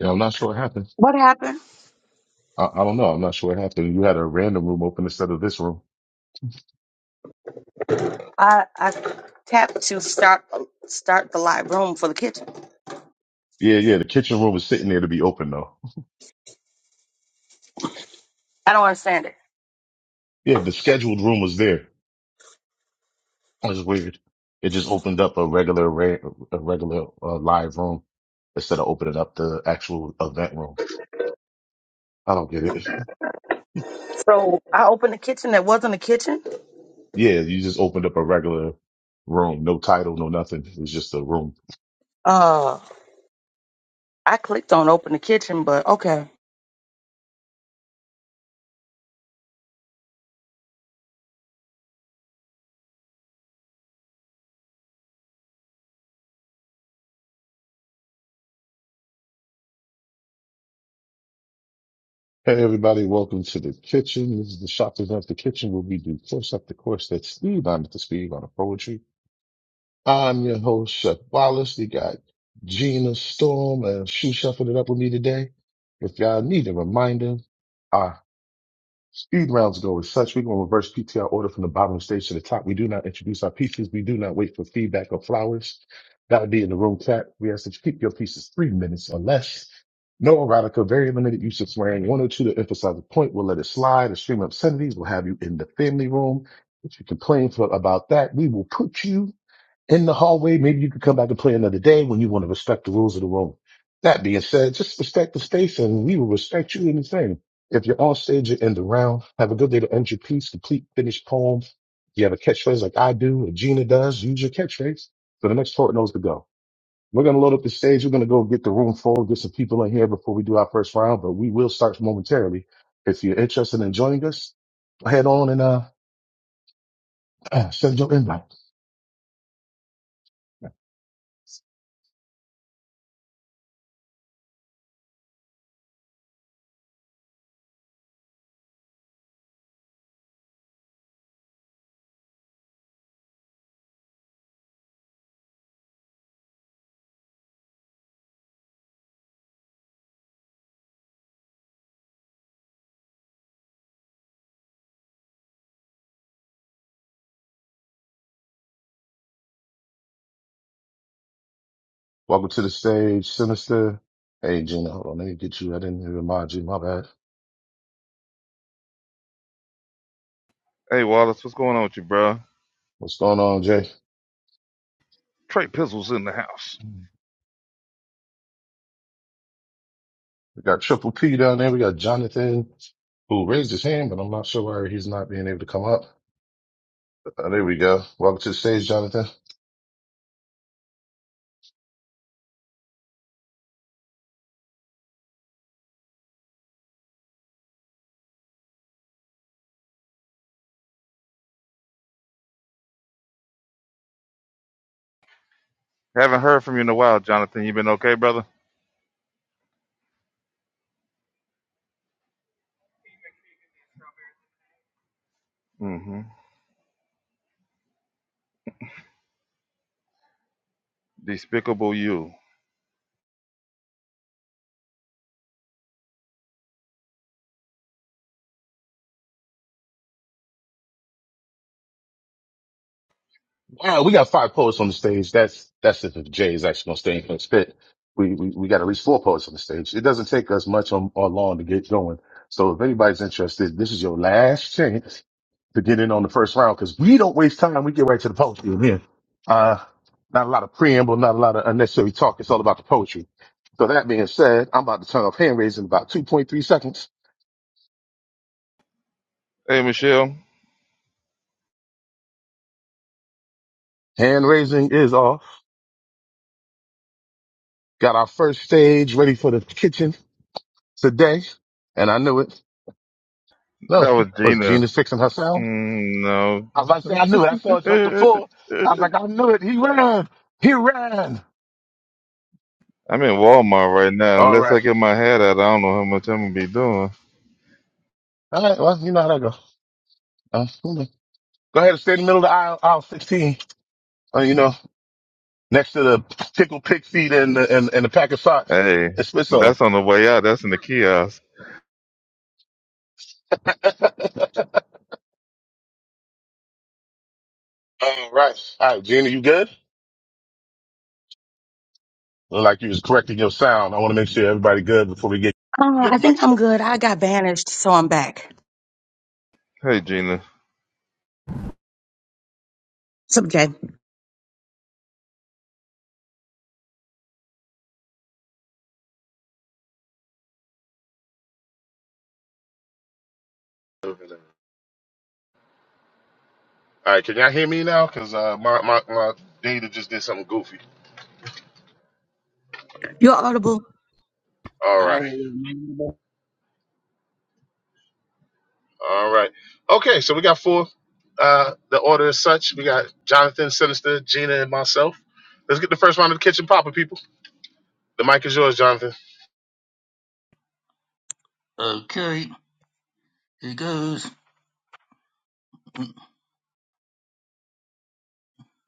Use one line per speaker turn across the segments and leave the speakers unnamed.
Yeah, I'm not sure what happened.
What happened?
I, I don't know. I'm not sure what happened. You had a random room open instead of this room.
I I tapped to start start the live room for the kitchen.
Yeah, yeah. The kitchen room was sitting there to be open though.
I don't understand it.
Yeah, the scheduled room was there. That was weird. It just opened up a regular, ra- a regular uh, live room instead of opening up the actual event room. I don't get it.
So I opened the kitchen that wasn't a kitchen.
Yeah, you just opened up a regular room. No title, no nothing. It was just a room.
Uh, I clicked on open the kitchen, but okay.
Hey everybody, welcome to the kitchen. This is the shop design of the kitchen where we do course after course that's Steve on at the speed on a poetry. I'm your host, Chef Wallace. We got Gina Storm and Shoe Shuffling It Up with me today. If y'all need a reminder, our speed rounds go as such. We're going to reverse PTR order from the bottom of the stage to the top. We do not introduce our pieces. We do not wait for feedback or flowers. That'll be in the room chat. We ask that you keep your pieces three minutes or less. No erotica, very limited use of swearing. One or two to emphasize the point. We'll let it slide. Extreme obscenities will have you in the family room. If you complain for, about that, we will put you in the hallway. Maybe you could come back and play another day when you want to respect the rules of the room. That being said, just respect the space and we will respect you in the same. If you're on stage, you end the round. Have a good day to end your piece, complete, finished poem. You have a catchphrase like I do or Gina does, use your catchphrase. So the next poet knows to go. We're going to load up the stage. We're going to go get the room full, get some people in here before we do our first round, but we will start momentarily. If you're interested in joining us, head on and uh, send your invite. Welcome to the stage, Sinister. Hey, Gina, hold on, let me get you. I didn't even mind you. My bad.
Hey Wallace, what's going on with you, bro?
What's going on, Jay?
Trey Pizzle's in the house.
We got Triple P down there. We got Jonathan, who raised his hand, but I'm not sure why he's not being able to come up. Uh, there we go. Welcome to the stage, Jonathan.
Haven't heard from you in a while, Jonathan. You been okay, brother? Mm-hmm. Despicable you.
Wow, we got five poets on the stage. That's that's if Jay is actually going to stay in his spit. We, we we got at least four poets on the stage. It doesn't take us much or, or long to get going. So if anybody's interested, this is your last chance to get in on the first round because we don't waste time. We get right to the poetry in here. Uh, not a lot of preamble, not a lot of unnecessary talk. It's all about the poetry. So that being said, I'm about to turn off hand raising in about 2.3 seconds.
Hey Michelle,
Hand raising is off. Got our first stage ready for the kitchen today. And I knew it. No,
that was
was
Gina.
Gina fixing her sound?
Mm, no.
I was about to say, I knew it. I saw it jump the floor. I was like, I knew it. He ran. He ran.
I'm in Walmart right now.
All
Unless
right.
I get my head out, I don't know how much I'm gonna be doing.
All right. Well, you know how that goes. Uh, you know. go ahead and stay in the middle of the aisle, aisle 16. Uh, you know. next to the tickle pig feet and the, and, and the pack of socks.
Hey,
It spits on.
that's on the way out. That's in the kiosk.
All right. All right, Gina, you good? Look like you was correcting your sound. I want to make sure everybody good before we get
Uh,
get a
I
mic
think I'm
check.
good. I got banished, so I'm back.
Hey Gina.
Sub J,
Over there. All right, can y'all hear me now? Cause uh, my my my data just did something goofy.
you're audible.
All
I
right, all right, okay. So we got four. Uh, the order is such: we got Jonathan, Sinister, Gina, and myself. Let's get the first round of the kitchen popping, people. The mic is yours, Jonathan.
Okay, here goes.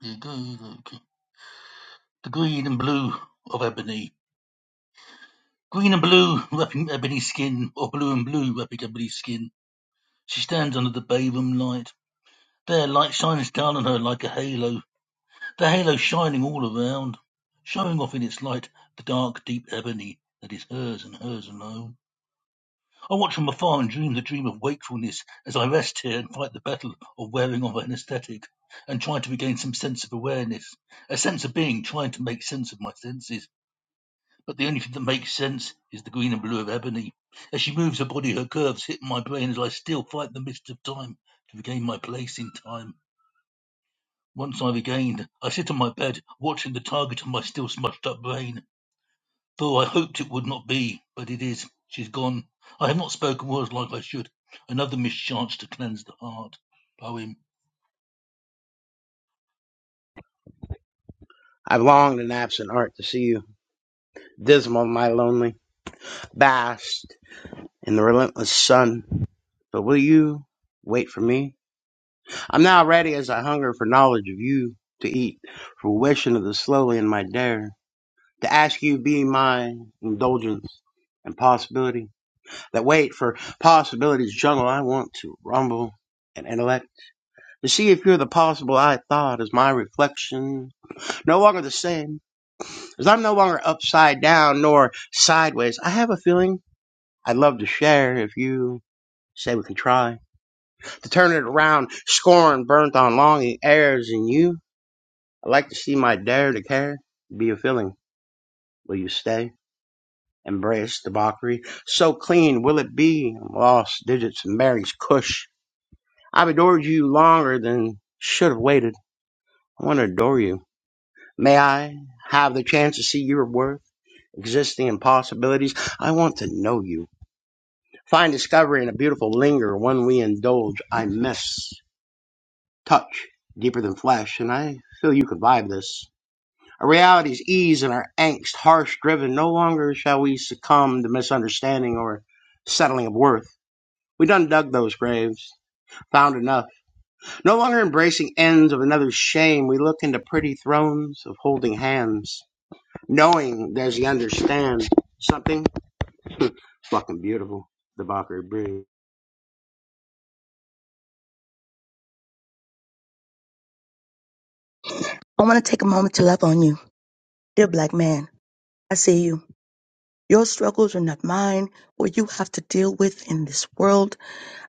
Here goes. Okay. The green and blue of ebony. Green and blue wrapping ebony skin, or blue and blue wrapping ebony skin. She stands under the bay room light. Their light shines down on her like a halo, the halo shining all around, showing off in its light the dark, deep ebony that is hers and hers alone. I watch from afar and dream the dream of wakefulness as I rest here and fight the battle of wearing of anesthetic and try to regain some sense of awareness, a sense of being, trying to make sense of my senses. But the only thing that makes sense is the green and blue of ebony. As she moves her body, her curves hit my brain as I still fight the mist of time to regain my place in time. Once I regained, I sit on my bed, watching the target of my still smudged up brain. Though I hoped it would not be, but it is. She's gone. I have not spoken words like I should. Another mischance to cleanse the heart. Poem.
I've longed in absent art to see you, dismal, my lonely, vast in the relentless sun. But will you wait for me? I'm now ready as I hunger for knowledge of you to eat, fruition of the slowly in my dare, to ask you be my indulgence and possibility. That wait for possibilities jungle, I want to rumble and intellect to see if you're the possible I thought as my reflection. No longer the same. Because I'm no longer upside down nor sideways. I have a feeling I'd love to share if you say we can try. To turn it around, scorn burnt on longing airs in you. I'd like to see my dare to care be a feeling. Will you stay? Embrace debauchery. So clean will it be. Lost digits and Mary's cush. I've adored you longer than should have waited. I want to adore you. May I have the chance to see your worth, existing impossibilities? I want to know you. Fine discovery and a beautiful linger, one we indulge, I miss. Touch, deeper than flesh, and I feel you could vibe this. Our reality's ease and our angst, harsh driven, no longer shall we succumb to misunderstanding or settling of worth. We done dug those graves, found enough. No longer embracing ends of another's shame, we look into pretty thrones of holding hands, knowing there's the understand something fucking beautiful. The Valkyrie breathe.
I want to take a moment to love on you, dear black man. I see you. Your struggles are not mine. What you have to deal with in this world,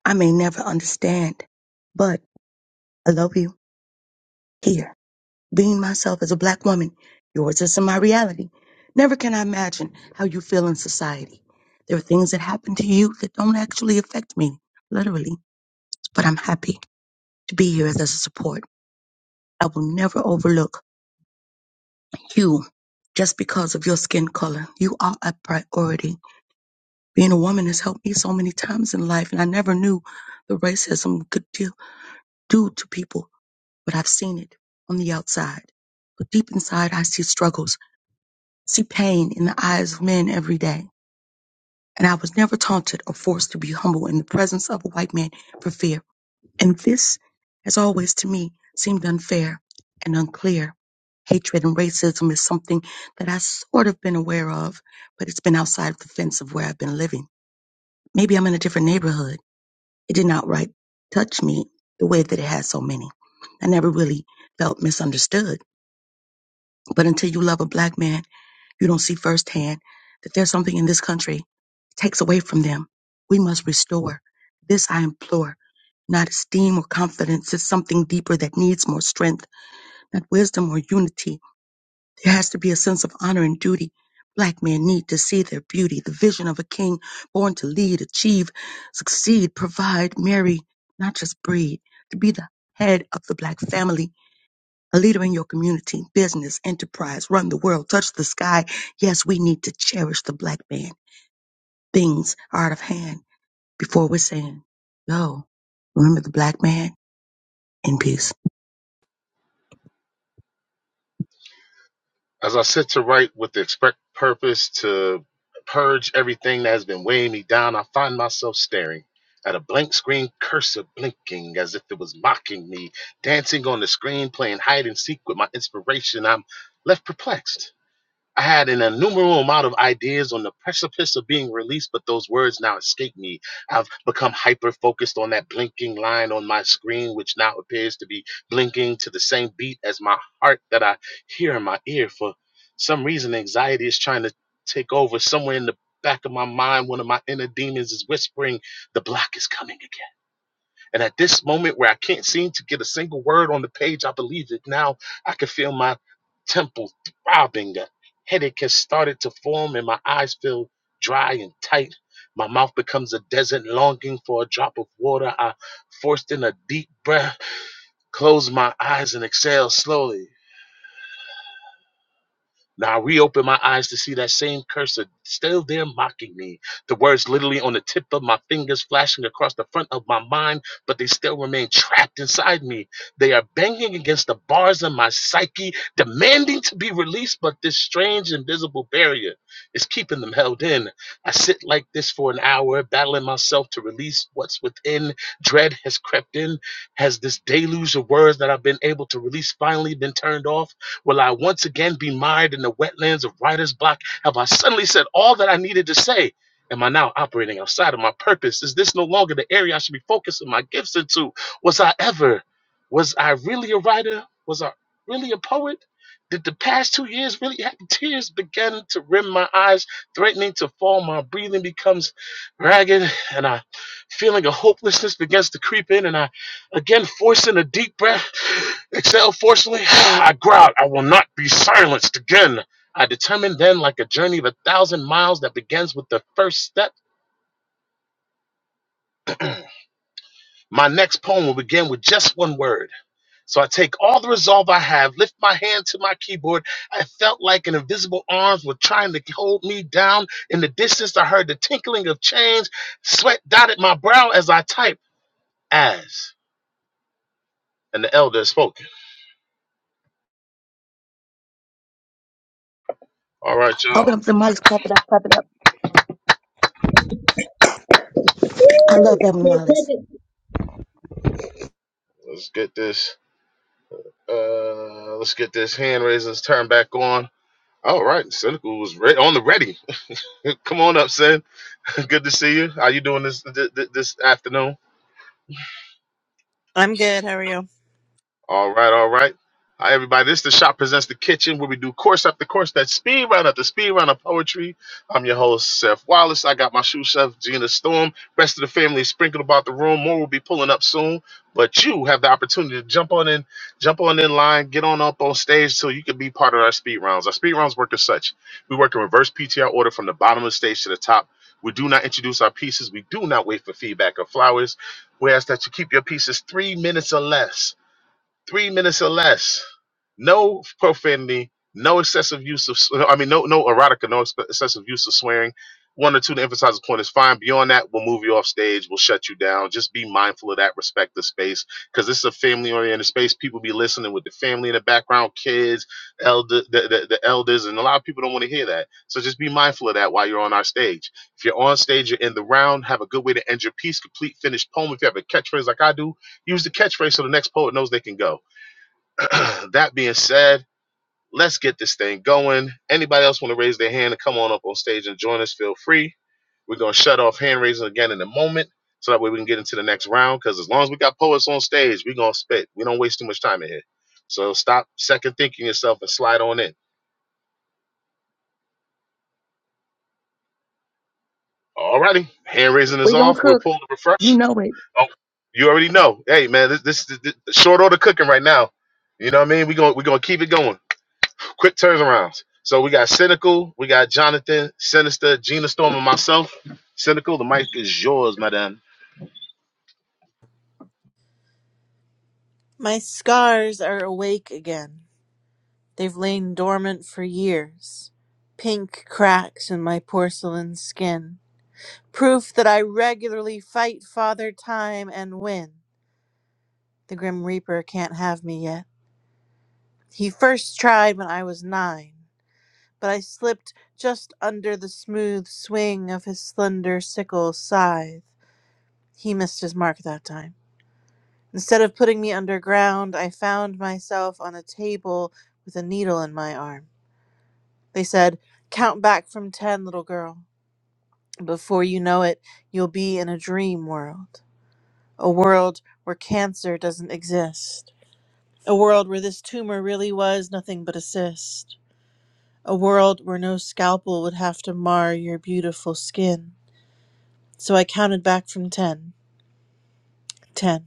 I may never understand, but I love you here. Being myself as a black woman, yours isn't my reality. Never can I imagine how you feel in society. There are things that happen to you that don't actually affect me, literally, but I'm happy to be here as a support. I will never overlook you just because of your skin color. You are a priority. Being a woman has helped me so many times in life, and I never knew the racism could do, do to people, but I've seen it on the outside. But deep inside, I see struggles. see pain in the eyes of men every day, and I was never taunted or forced to be humble in the presence of a white man for fear. And this has always to me seemed unfair and unclear. Hatred and racism is something that I sort of been aware of, but it's been outside of the fence of where I've been living. Maybe I'm in a different neighborhood. It did not right touch me the way that it has so many. I never really felt misunderstood. But until you love a black man, you don't see firsthand that there's something in this country takes away from them. We must restore. This I implore, not esteem or confidence. It's something deeper that needs more strength, not wisdom or unity. There has to be a sense of honor and duty. Black men need to see their beauty, the vision of a king born to lead, achieve, succeed, provide, marry, not just breed, to be the head of the black family a leader in your community, business, enterprise, run the world, touch the sky. Yes, we need to cherish the black man. Things are out of hand before we're saying, yo, remember the black man in peace.
As I sit to write with the expect purpose to purge everything that has been weighing me down, I find myself staring at a blank screen cursor blinking as if it was mocking me, dancing on the screen, playing hide and seek with my inspiration. I'm left perplexed. I had an innumerable amount of ideas on the precipice of being released, but those words now escape me. I've become hyper focused on that blinking line on my screen, which now appears to be blinking to the same beat as my heart that I hear in my ear. For some reason, anxiety is trying to take over. Somewhere in the back of my mind, one of my inner demons is whispering, The block is coming again. And at this moment where I can't seem to get a single word on the page, I believe it now. I can feel my temple throbbing. A headache has started to form, and my eyes feel dry and tight. My mouth becomes a desert, longing for a drop of water. I forced in a deep breath, close my eyes, and exhale slowly. Now I reopen my eyes to see that same cursor still there mocking me. The words literally on the tip of my fingers flashing across the front of my mind, but they still remain trapped inside me. They are banging against the bars of my psyche, demanding to be released, but this strange invisible barrier is keeping them held in. I sit like this for an hour, battling myself to release what's within. Dread has crept in. Has this deluge of words that I've been able to release finally been turned off? Will I once again be mired in the wetlands of writer's block? Have I suddenly said all that I needed to say? Am I now operating outside of my purpose? Is this no longer the area I should be focusing my gifts into? Was I ever? Was I really a writer? Was I really a poet? Did the past two years really happen? Tears began to rim my eyes, threatening to fall. My breathing becomes ragged, and I feeling of hopelessness begins to creep in, and I Again, forcing a deep breath, exhale forcefully, I growled, I will not be silenced again. I determined then, like a journey of a thousand miles that begins with the first step, my next poem will begin with just one word. So I take all the resolve I have, lift my hand to my keyboard. I felt like an invisible arms were trying to hold me down. In the distance, I heard the tinkling of chains. Sweat dotted my brow as I typed, as. And the elder spoke. All right, y'all,
Open up the mics, clap it up, clap it up. I love Evan Wallace.
let's get this. Uh, let's get this hand raisers turned back on. All right, Cynical was re- on the ready. Come on up, Sin. Good to see you. How you doing this th- th- this afternoon?
I'm good. How are you?
All right, all right. Hi, everybody. This is the Shop Presents the Kitchen where we do course after course, that speed round after speed round of poetry. I'm your host, Seth Wallace. I got my shoe chef, Gina Storm. Rest of the family is sprinkled about the room. More will be pulling up soon. But you have the opportunity to jump on in, jump on in line, get on up on stage so you can be part of our speed rounds. Our speed rounds work as such. We work in reverse PTR order from the bottom of the stage to the top. We do not introduce our pieces. We do not wait for feedback or flowers. We ask that you keep your pieces three minutes or less three minutes or less. No profanity, no excessive use of, I mean, no no erotica, no ex- excessive use of swearing. One or two to emphasize the point is fine. Beyond that, we'll move you off stage. We'll shut you down. Just be mindful of that. Respect the space because this is a family oriented space. People be listening with the family in the background, kids, elder, the, the, the elders, and a lot of people don't want to hear that. So just be mindful of that while you're on our stage. If you're on stage, you're in the round. Have a good way to end your piece. Complete, finished poem. If you have a catchphrase like I do, use the catchphrase so the next poet knows they can go that being said, let's get this thing going. Anybody else want to raise their hand and come on up on stage and join us? Feel free. We're going to shut off hand raising again in a moment so that way we can get into the next round. Because as long as we got poets on stage, we're going to spit. We don't waste too much time in here. So stop second thinking yourself and slide on in. All righty, Hand raising is
We gonna
off. We'll
cook,
pull the
you
refresh.
know it.
Oh, you already know. Hey, man, this this, this, this short order cooking right now. You know what I mean? We're going we're gonna keep it going. quick turnarounds. So we got Cynical, we got Jonathan, Sinister, Gina Storm, and myself. Cynical, the mic is yours, madam.
My scars are awake again. They've lain dormant for years. Pink cracks in my porcelain skin. Proof that I regularly fight Father Time and win. The Grim Reaper can't have me yet. He first tried when I was nine, but I slipped just under the smooth swing of his slender sickle scythe. He missed his mark that time. Instead of putting me underground, I found myself on a table with a needle in my arm. They said, Count back from ten, little girl. Before you know it, you'll be in a dream world. A world where cancer doesn't exist. A world where this tumor really was nothing but a cyst. A world where no scalpel would have to mar your beautiful skin. So I counted back from ten. Ten.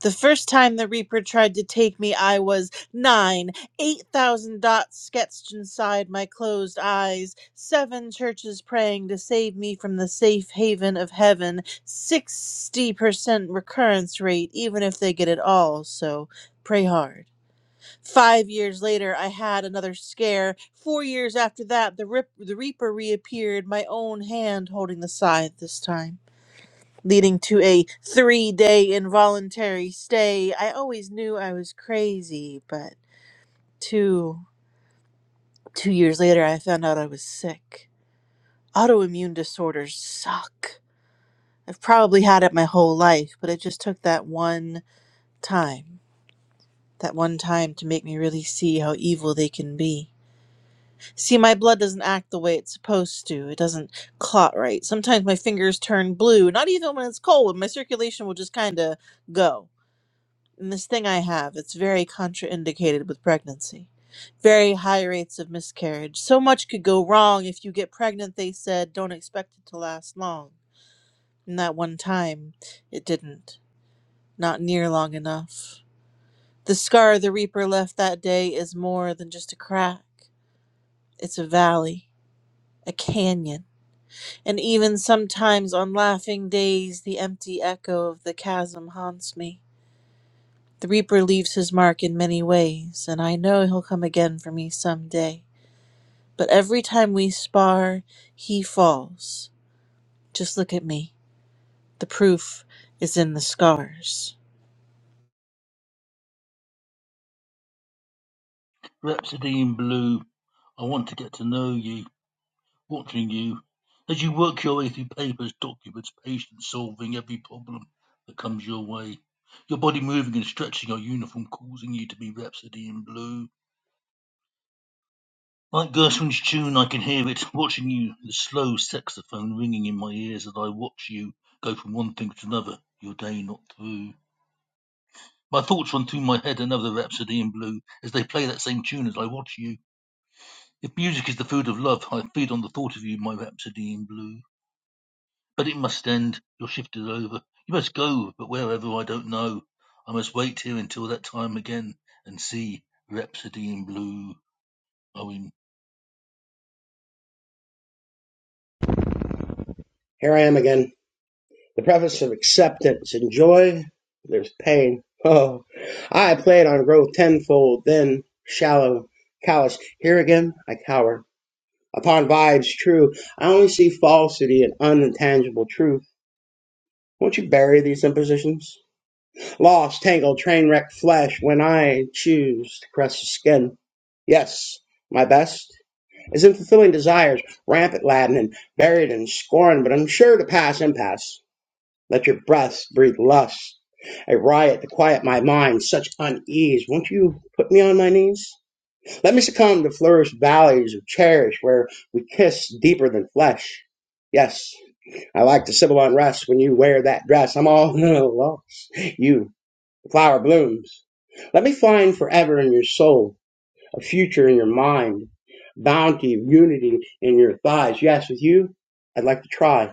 The first time the Reaper tried to take me, I was nine, eight thousand dots sketched inside my closed eyes, seven churches praying to save me from the safe haven of heaven, sixty percent recurrence rate, even if they get it all, so pray hard. Five years later, I had another scare. Four years after that, the, rip- the Reaper reappeared, my own hand holding the scythe this time leading to a three day involuntary stay. I always knew I was crazy, but two two years later I found out I was sick. Autoimmune disorders suck. I've probably had it my whole life, but it just took that one time. That one time to make me really see how evil they can be. See, my blood doesn't act the way it's supposed to. It doesn't clot right. Sometimes my fingers turn blue, not even when it's cold. My circulation will just kind of go And this thing I have, it's very contraindicated with pregnancy. Very high rates of miscarriage. So much could go wrong if you get pregnant, they said. Don't expect it to last long. And that one time, it didn't. Not near long enough. The scar the Reaper left that day is more than just a crack. It's a valley, a canyon. And even sometimes on laughing days, the empty echo of the chasm haunts me. The Reaper leaves his mark in many ways, and I know he'll come again for me some day. But every time we spar, he falls. Just look at me. The proof is in the scars.
Rhapsody in blue. I want to get to know you, watching you. As you work your way through papers, documents, patience, solving every problem that comes your way. Your body moving and stretching your uniform, causing you to be rhapsody in blue Like Gershwin's tune, I can hear it, watching you, the slow saxophone ringing in my ears as I watch you go from one thing to another, your day not through. My thoughts run through my head another rhapsody in blue as they play that same tune as I watch you. If music is the food of love, I feed on the thought of you, my rhapsody in blue. But it must end, your shift is over. You must go, but wherever I don't know. I must wait here until that time again and see Rhapsody in Blue. Owen.
Here I am again The preface of acceptance and joy, there's pain. Oh, I plan on growth tenfold, then shallow, callous. Here again, I cower. Upon vibes true, I only see falsity and unintangible truth. Won't you bury these impositions? Lost, tangled, train wrecked flesh when I choose to caress the skin. Yes, my best is in fulfilling desires, rampant laden and buried in scorn, but I'm sure to pass impasse. Let your breaths breathe lust, a riot to quiet my mind, such unease. Won't you put me on my knees? Let me succumb to flourished valleys of cherish where we kiss deeper than flesh. Yes, I like the civil unrest when you wear that dress. I'm all lost. You, the flower blooms. Let me find forever in your soul, a future in your mind, bounty of unity in your thighs. Yes, with you, I'd like to try.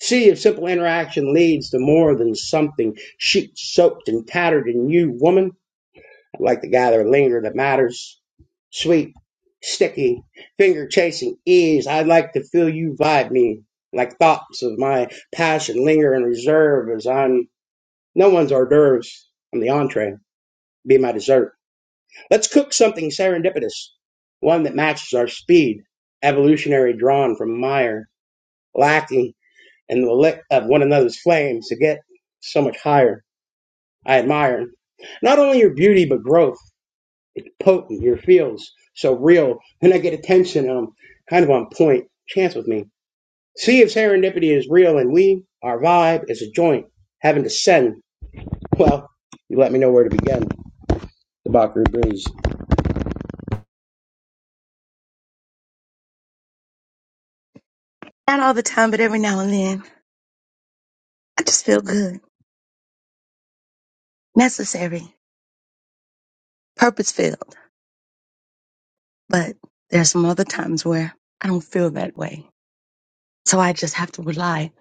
See if simple interaction leads to more than something sheet soaked and tattered in you, woman. I would like to gather linger that matters. Sweet, sticky, finger chasing ease. I'd like to feel you vibe me. Like thoughts of my passion linger in reserve as I'm no one's hors d'oeuvres. I'm the entree. Be my dessert. Let's cook something serendipitous. One that matches our speed. Evolutionary drawn from mire. Lacking and the lick of one another's flames to get so much higher. I admire not only your beauty but growth. It's potent. Your feels so real. Then I get attention. and I'm kind of on point. Chance with me. See if serendipity is real and we, our vibe, is a joint. Having to send. Well, you let me know where to begin. The Bakri Breeze.
Not all the time, but every now and then. I just feel good, necessary, purpose filled. But there's some other times where I don't feel that way. So I just have to rely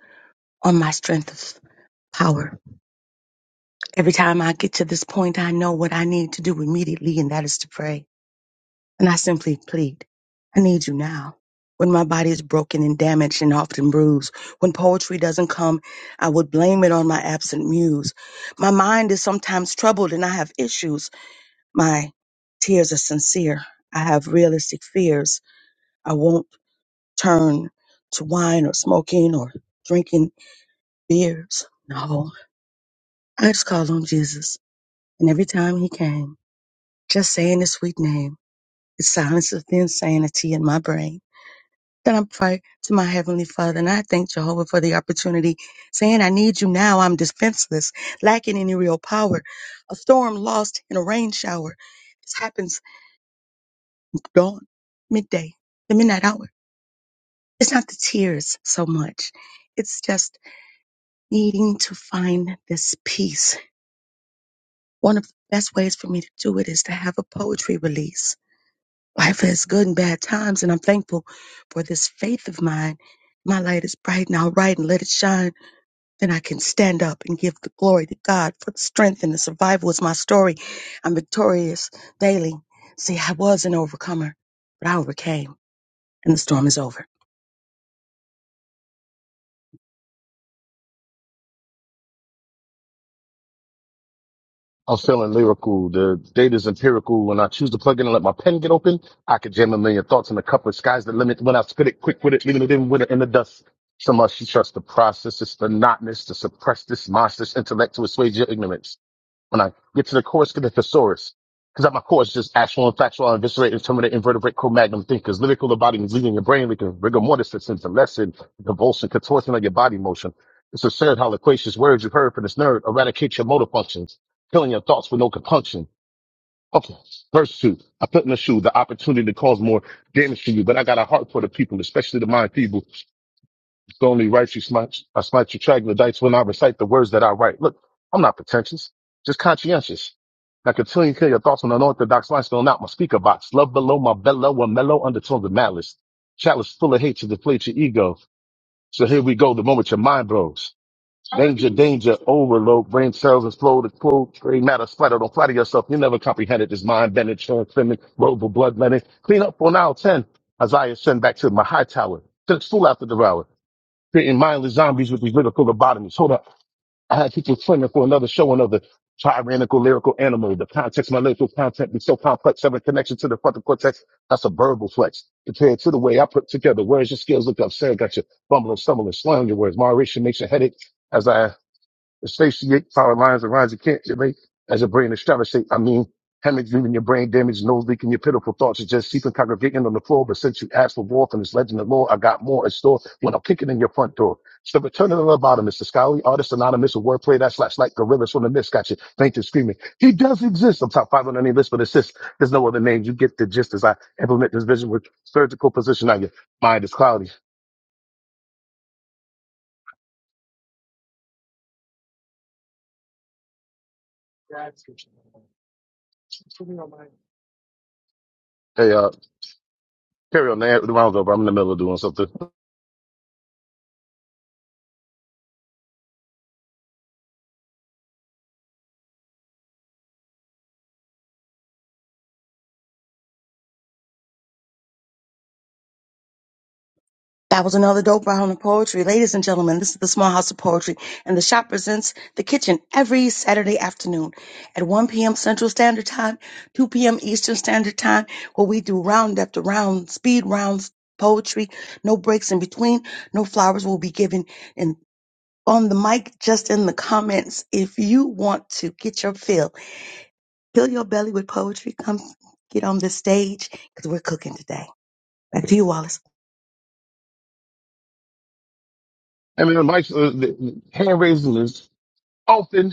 on my strength of power Every time I get to this point, I know what I need to do immediately, and that is to pray. And I simply plead, I need you now. When my body is broken and damaged and often bruised, when poetry doesn't come, I would blame it on my absent muse. My mind is sometimes troubled and I have issues. My tears are sincere. I have realistic fears. I won't turn to wine or smoking or drinking beers. No, I just call on Jesus. And every time he came, Just saying the sweet name. It silences the insanity in my brain. Then I pray to my Heavenly Father and I thank Jehovah for the opportunity, saying, I need you now. I'm defenseless, lacking any real power. A storm lost in a rain shower. This happens dawn, midday, the midnight hour. It's not the tears so much. It's just needing to find this peace. One of the best ways for me to do it is to have a poetry release Life has good and bad times, and I'm thankful for this faith of mine. My light is bright and I'll ride and let it shine. Then I can stand up and give the glory to God for the strength and the survival is my story. I'm victorious daily. See, I was an overcomer, but I overcame, and the storm is over.
I'm feeling lyrical. The data is empirical. When I choose to plug in and let my pen get open, I could jam a million thoughts in a cup of sky's the limit. When I spit it quick with it, leaving it in with it in the dust. So much you trust the process. It's the notness to suppress this monstrous intellect to assuage your ignorance. when I get to the course, get the thesaurus. Because at my course, just actual and factual, eviscerate, terminate, invertebrate, co-magnum thinkers, lyrical embodiments leaving your brain, leaking rigor mortis, sense of lesson, convulsion, contortion of your body motion. It's absurd how loquacious words you've heard from this nerd eradicate your motor functions, killing your thoughts with no compunction. Okay, verse two. I put in the shoe the opportunity to cause more damage to you, but I got a heart for the people, especially the mind feeble so only write you smite, I smite you troglodytes when I recite the words that I write. Look, I'm not pretentious, just conscientious. Now continue to kill your thoughts on unorthodox lines filling not my speaker box. Love below my bellow a mellow undertones of malice. Chalice full of hate to deflate your ego. So here we go, the moment your mind blows. Danger, danger, overload, brain cells explode, explode, gray matter splatter. Don't flatter yourself. You never comprehended this mind bending, transcendent, road bloodletting. Clean up on aisle 10. Isaiah send back to my high tower. Send its fool after devour creating mindless zombies with these lyrical lobotomies. Hold up. I had people claiming for another show, another tyrannical lyrical animal. The context, my lyrical content be so complex, having connection to the frontal cortex. That's a verbal flex. Compared to the way I put together words, your skills look upset. Got you bumbling, stumbling, slurring your words. Moderation makes your headache. As I the satiate power lines and lines you can't relate as a brain astrology. I mean, hemorrhage leaving your brain damaged, nose leaking, your pitiful thoughts are just seeping, congregating on the floor. But since you asked for more from this legend of lore, I got more in store when I'm kicking in your front door. It's the return of the lobotomist, the scholarly artist anonymous, a wordplay that slash like gorillas from the mist got you fainting, screaming. He does exist. I'm top five on any list, but assist. There's no other name. You get the gist as I implement this vision with surgical precision. on your mind is cloudy. Hey, uh, carry on the rounds over. I'm in the middle of doing something.
That was another dope round of poetry. Ladies and gentlemen, this is the Small House of Poetry, and the shop presents The Kitchen every Saturday afternoon at 1 p.m. Central Standard Time, 2 p.m. Eastern Standard Time, where we do round after round, speed rounds, poetry, no breaks in between, no flowers will be given in, on the mic, just in the comments. If you want to get your fill, fill your belly with poetry, come get on this stage, because we're cooking today. Back to you, Wallace.
And then Mike's uh, the, the hand raising is often.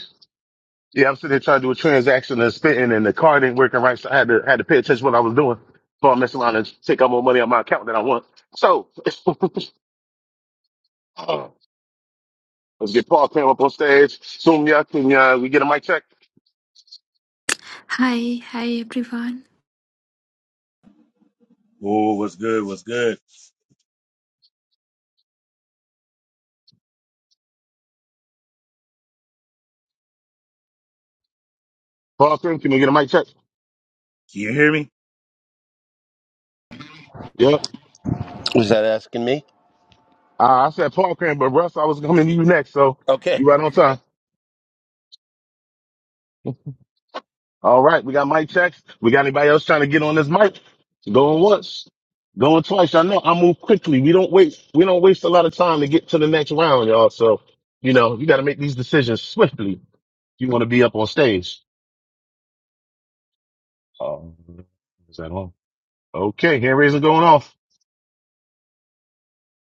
Yeah, I'm sitting there trying to do a transaction and spitting, and the card ain't working right, so I had to had to pay attention to what I was doing before I mess around and take out more money on my account than I want. So let's get Paul Cram up on stage. Soon, yeah, can uh, we get a mic check?
Hi, hi everyone.
Oh, what's good? What's good?
Paul Cram, can we get a mic check?
Can you hear me?
Yep.
Was that asking me?
Uh, I said Paul Cram, but Russ, I was coming to you next, so
Okay.
you right on time. All right, we got mic checks. We got anybody else trying to get on this mic? Going once, going twice. I know I move quickly. We don't wait. We don't waste a lot of time to get to the next round, y'all. So you know you got to make these decisions swiftly. If you want to be up on stage. Um, is that on? Okay, hand raising going off.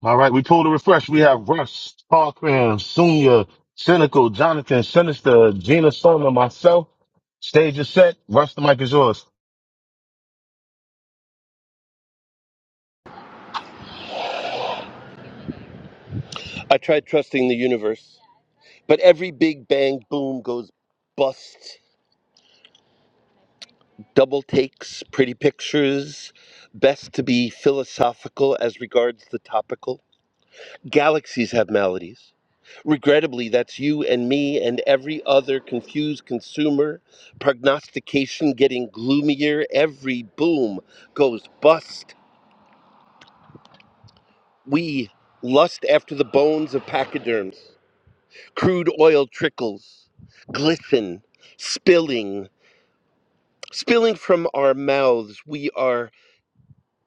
All right, we pulled a refresh. We have Russ, Parkram, Sunya, Cynical, Jonathan, Sinister, Gina, Summer, myself. Stage is set. Russ, the mic is yours.
I tried trusting the universe. But every big bang boom goes bust. Double takes, pretty pictures, best to be philosophical as regards the topical. Galaxies have maladies. Regrettably, that's you and me and every other confused consumer. Prognostication getting gloomier. Every boom goes bust. We lust after the bones of pachyderms. Crude oil trickles, glisten, spilling, spilling from our mouths. We are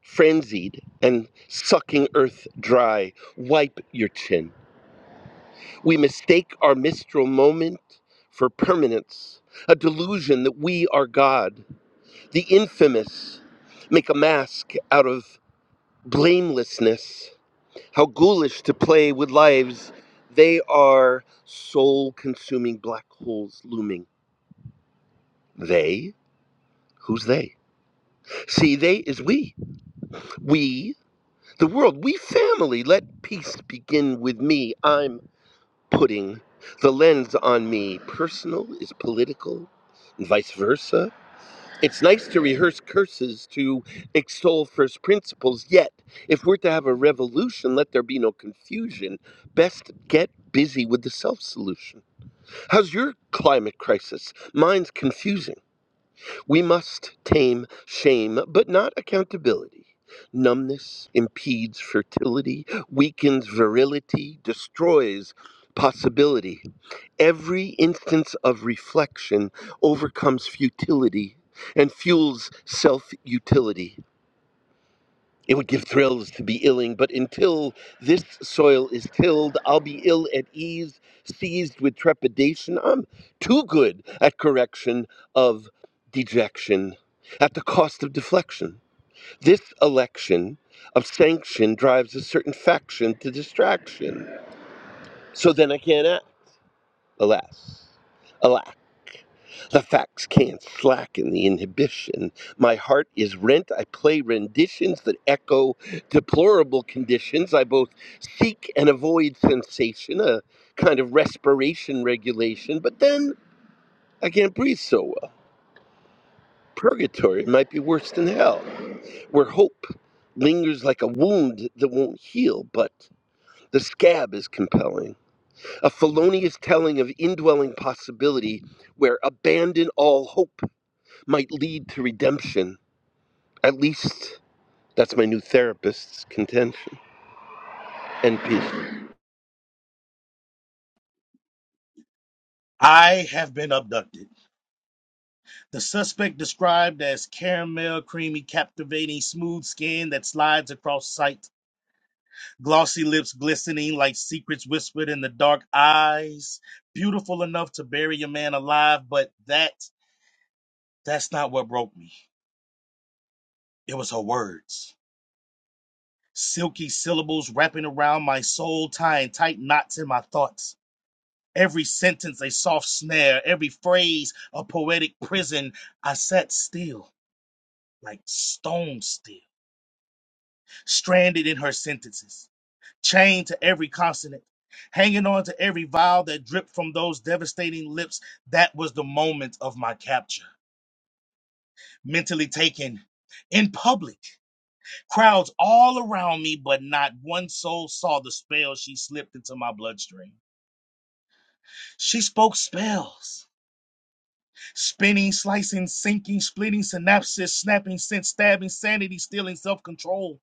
frenzied and sucking earth dry. Wipe your chin. We mistake our mistral moment for permanence, a delusion that we are God. The infamous make a mask out of blamelessness. How ghoulish to play with lives. They are soul consuming black holes looming. They? Who's they? See, they is we. We, the world, we family. Let peace begin with me. I'm putting the lens on me. Personal is political, and vice versa. It's nice to rehearse curses to extol first principles, yet, if we're to have a revolution, let there be no confusion. Best get busy with the self solution. How's your climate crisis? Mine's confusing. We must tame shame, but not accountability. Numbness impedes fertility, weakens virility, destroys possibility. Every instance of reflection overcomes futility and fuels self utility. It would give thrills to be illing, but until this soil is tilled, I'll be ill at ease, seized with trepidation. I'm too good at correction of dejection, at the cost of deflection. This election of sanction drives a certain faction to distraction. So then I can't act, alas, alack. The facts can't slacken the inhibition. My heart is rent. I play renditions that echo deplorable conditions. I both seek and avoid sensation, a kind of respiration regulation, but then I can't breathe so well. Purgatory might be worse than hell, where hope lingers like a wound that won't heal, but the scab is compelling. A felonious telling of indwelling possibility where abandon all hope might lead to redemption At least that's my new therapist's contention. NP.
I have been abducted. The suspect described as caramel, creamy, captivating, smooth skin that slides across sight, glossy lips glistening like secrets whispered in the dark eyes, beautiful enough to bury a man alive, but that that's not what broke me. It was her words. Silky syllables wrapping around my soul, tying tight knots in my thoughts. Every sentence a soft snare, every phrase a poetic prison. I sat still, like stone still, stranded in her sentences, chained to every consonant, hanging on to every vowel that dripped from those devastating lips. That was the moment of my capture. Mentally taken in public, crowds all around me, but not one soul saw the spell she slipped into my bloodstream. She spoke spells. Spinning, slicing, sinking, splitting, synapses, snapping, sense, stabbing, sanity, stealing, self control.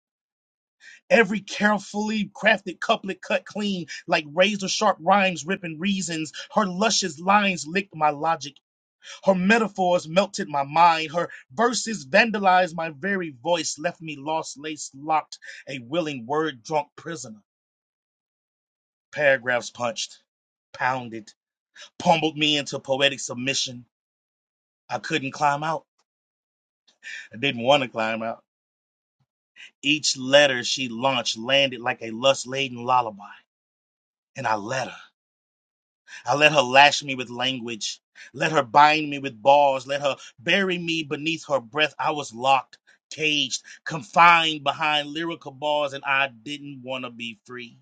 Every carefully crafted couplet cut clean, like razor sharp rhymes ripping reasons. Her luscious lines licked my logic. Her metaphors melted my mind. Her verses vandalized my very voice, left me lost, lace locked, a willing word drunk prisoner. Paragraphs punched, pounded, pummeled me into poetic submission. I couldn't climb out. I didn't want to climb out. Each letter she launched landed like a lust laden lullaby. And I let her. I let her lash me with language. Let her bind me with bars. Let her bury me beneath her breath. I was locked, caged, confined behind lyrical bars, and I didn't want to be free.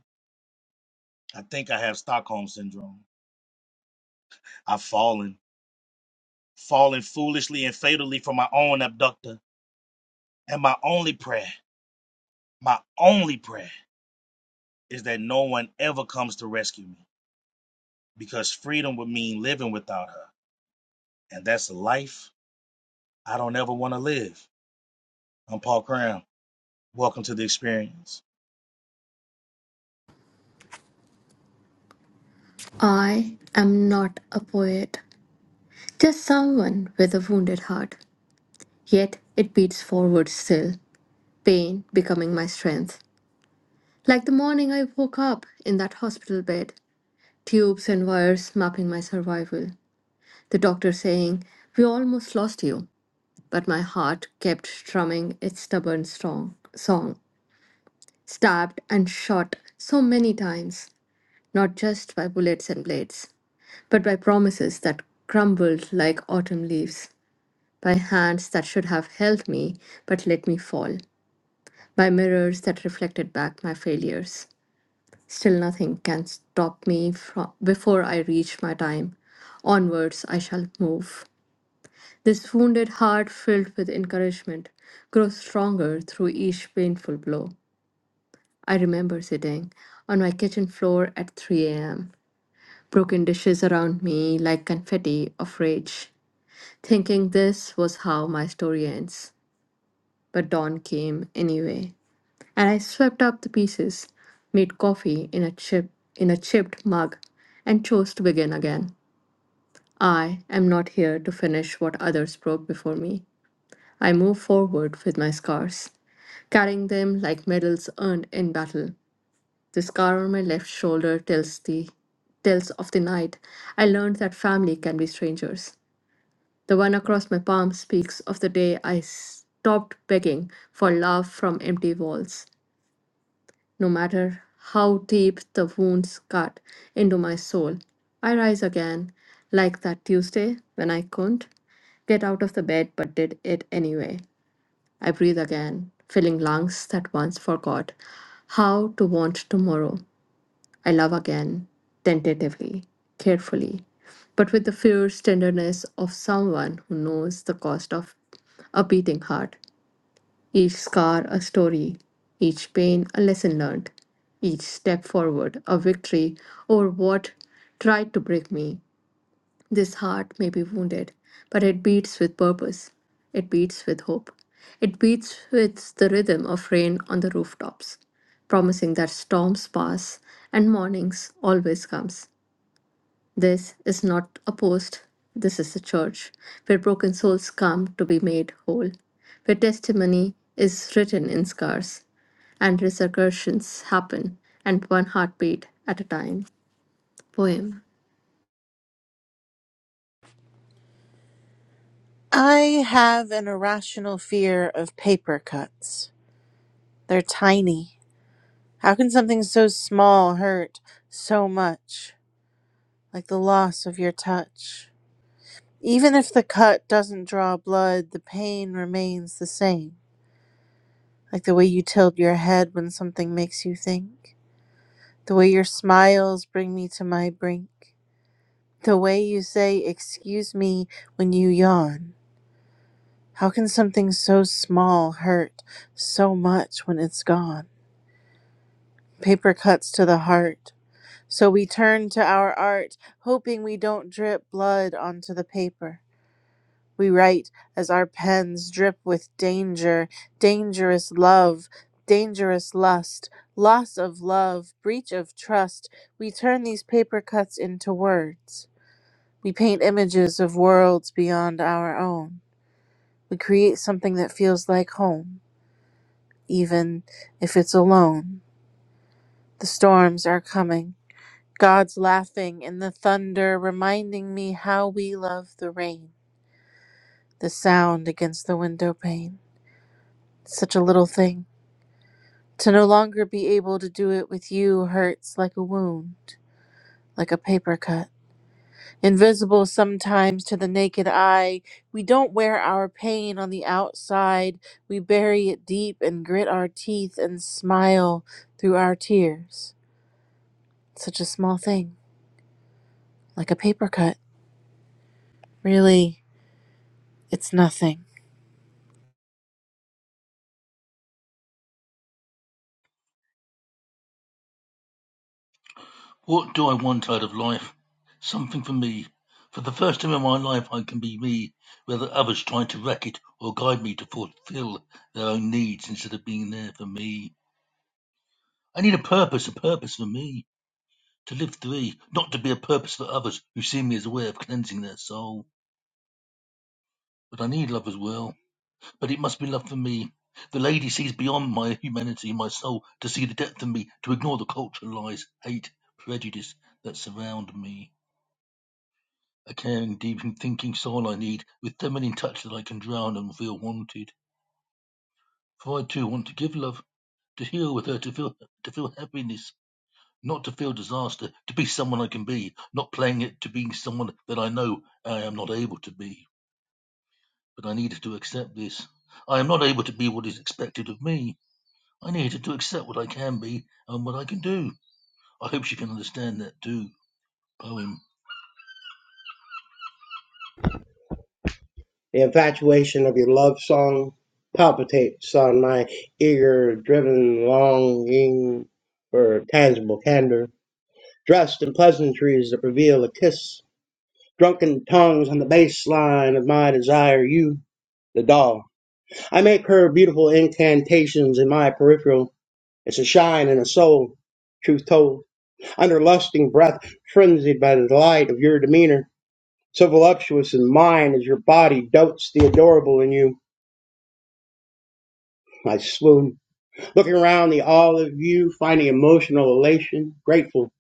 I think I have Stockholm Syndrome. I've fallen, fallen foolishly and fatally for my own abductor. And my only prayer, my only prayer, is that no one ever comes to rescue me. because freedom would mean living without her. And that's a life I don't ever want to live. I'm Paul Cram. Welcome to the experience.
I am not a poet, just someone with a wounded heart. Yet it beats forward still, pain becoming my strength. Like the morning I woke up in that hospital bed, tubes and wires mapping my survival. The doctor saying, We almost lost you. But my heart kept strumming its stubborn strong song, stabbed and shot so many times, not just by bullets and blades. but by promises that crumbled like autumn leaves, by hands that should have held me but let me fall, by mirrors that reflected back my failures. Still, nothing can stop me from before I reach my time. Onwards, I shall move. This wounded heart, filled with encouragement, grows stronger through each painful blow. I remember sitting on my kitchen floor at 3 a.m., broken dishes around me like confetti of rage. thinking this was how my story ends. But dawn came anyway, and I swept up the pieces, made coffee in a chip in a chipped mug, and chose to begin again. I am not here to finish what others broke before me. I move forward with my scars, carrying them like medals earned in battle. The scar on my left shoulder tells the tells of the night I learned that family can be strangers. The one across my palm speaks of the day I stopped begging for love from empty walls. No matter how deep the wounds cut into my soul, I rise again, like that Tuesday when I couldn't get out of the bed but did it anyway. I breathe again, filling lungs that once forgot how to want tomorrow. I love again, tentatively, carefully, but with the fierce tenderness of someone who knows the cost of a beating heart. Each scar a story, each pain a lesson learned, each step forward a victory over what tried to break me. This heart may be wounded, but it beats with purpose. It beats with hope. It beats with the rhythm of rain on the rooftops, promising that storms pass and mornings always comes. This is not a post. This is a church where broken souls come to be made whole, where testimony is written in scars and resurrections happen, and one heartbeat at a time. Poem.
I have an irrational fear of paper cuts. They're tiny. How can something so small hurt so much, like the loss of your touch? Even if the cut doesn't draw blood, the pain remains the same. like the way you tilt your head when something makes you think, the way your smiles bring me to my brink, the way you say, Excuse me, when you yawn. How can something so small hurt so much when it's gone? Paper cuts to the heart. So we turn to our art, hoping we don't drip blood onto the paper. We write as our pens drip with danger, dangerous love, dangerous lust, loss of love, breach of trust. We turn these paper cuts into words. We paint images of worlds beyond our own. We create something that feels like home, even if it's alone. The storms are coming. God's laughing and the thunder reminding me how we love the rain, the sound against the window pane. Such a little thing To no longer be able to do it with you hurts like a wound, like a paper cut. Invisible sometimes to the naked eye, we don't wear our pain on the outside. We bury it deep and grit our teeth and smile through our tears. Such a small thing, like a paper cut. Really, it's nothing.
What do I want out of life? Something for me. For the first time in my life, I can be me, whether others try to wreck it or guide me to fulfill their own needs instead of being there for me. I need a purpose, a purpose for me, to live free, not to be a purpose for others who see me as a way of cleansing their soul. But I need love as well, but it must be love for me. The lady sees beyond my humanity and my soul to see the depth of me, to ignore the cultural lies, hate, prejudice that surround me. Again, deep in thinking soul I need, with feminine touch that I can drown and feel wanted. For I too want to give love, to heal with her, to feel to feel happiness, not to feel disaster, to be someone I can be, not playing it to being someone that I know I am not able to be. But I needed to accept this. I am not able to be what is expected of me. I needed to accept what I can be and what I can do. I hope she can understand that too. Poem.
The infatuation of your love song palpitates on my eager, driven longing for tangible candor dressed in pleasantries that reveal a kiss, drunken tongues on the bass line of my desire, you, the doll. I make her beautiful incantations in my peripheral. It's a shine and a soul, truth told. Under lusting breath, frenzied by the delight of your demeanor, so voluptuous in mine as your body dotes the adorable in you. I swoon, looking around the all of you, finding emotional elation, grateful.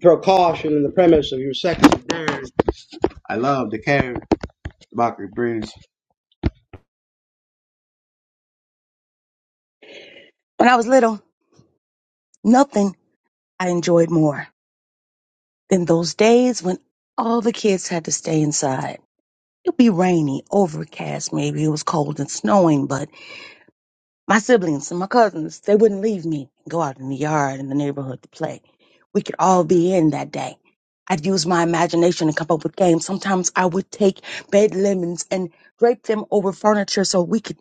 Throw caution in the premise of your sex. dares. I love the care. Mockery Breeze.
When I was little, nothing I enjoyed more than those days when all the kids had to stay inside. It'd be rainy, overcast, maybe it was cold and snowing, but my siblings and my cousins, they wouldn't leave me and go out in the yard in the neighborhood to play. We could all be in that day. I'd use my imagination to come up with games. Sometimes I would take bed lemons and drape them over furniture so we could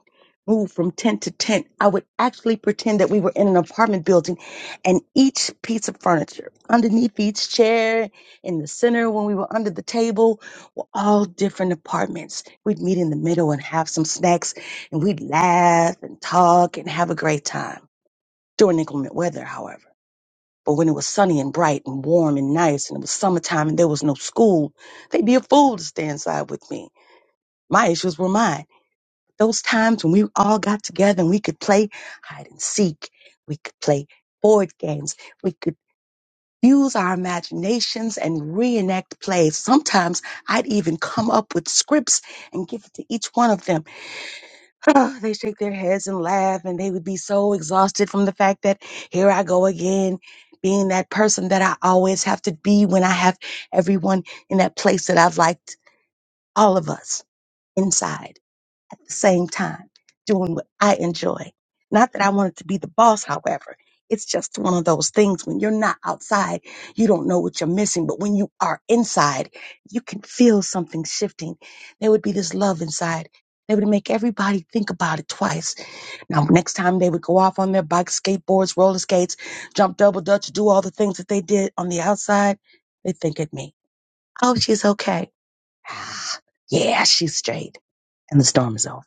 move from tent to tent. I would actually pretend that we were in an apartment building and each piece of furniture underneath each chair in the center when we were under the table were all different apartments. We'd meet in the middle and have some snacks and we'd laugh and talk and have a great time during inclement weather, however. But when it was sunny and bright and warm and nice and it was summertime and there was no school, they'd be a fool to stay inside with me. My issues were mine. Those times when we all got together and we could play hide and seek, we could play board games, we could use our imaginations and reenact plays. Sometimes I'd even come up with scripts and give it to each one of them Oh, they shake their heads and laugh, and they would be so exhausted from the fact that here I go again, being that person that I always have to be when I have everyone in that place that I've liked, all of us inside at the same time, doing what I enjoy. Not that I wanted to be the boss, however. It's just one of those things when you're not outside, you don't know what you're missing. But when you are inside, you can feel something shifting. There would be this love inside. They would make everybody think about it twice now, next time they would go off on their bikes, skateboards, roller skates, jump double dutch, do all the things that they did on the outside, they think at me. Oh, she's okay. yeah, she's straight. And the storm is over.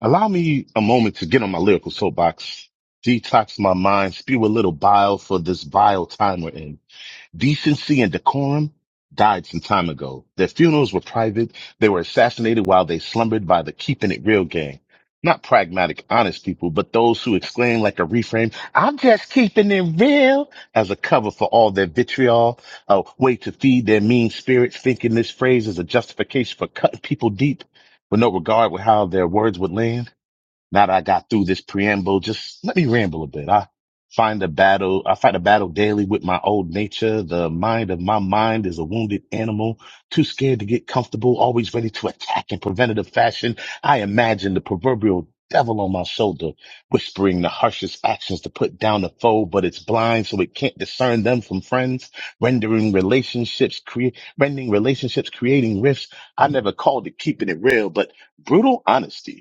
Allow me a moment to get on my lyrical soapbox, detox my mind, spew a little bile for this vile time we're in. Decency and decorum died some time ago. Their funerals were private. They were assassinated while they slumbered by the keeping it real gang. Not pragmatic, honest people, but those who exclaim like a reframe, I'm just keeping it real as a cover for all their vitriol, a way to feed their mean spirits, thinking this phrase is a justification for cutting people deep with no regard with how their words would land. Now that I got through this preamble, just let me ramble a bit. I find a battle. I fight a battle daily with my old nature. The mind of my mind is a wounded animal, too scared to get comfortable, always ready to attack in preventative fashion. I imagine the proverbial devil on my shoulder, whispering the harshest actions to put down the foe, but it's blind, so it can't discern them from friends, rendering relationships, cre- rendering relationships, creating rifts. I never called it keeping it real, but brutal honesty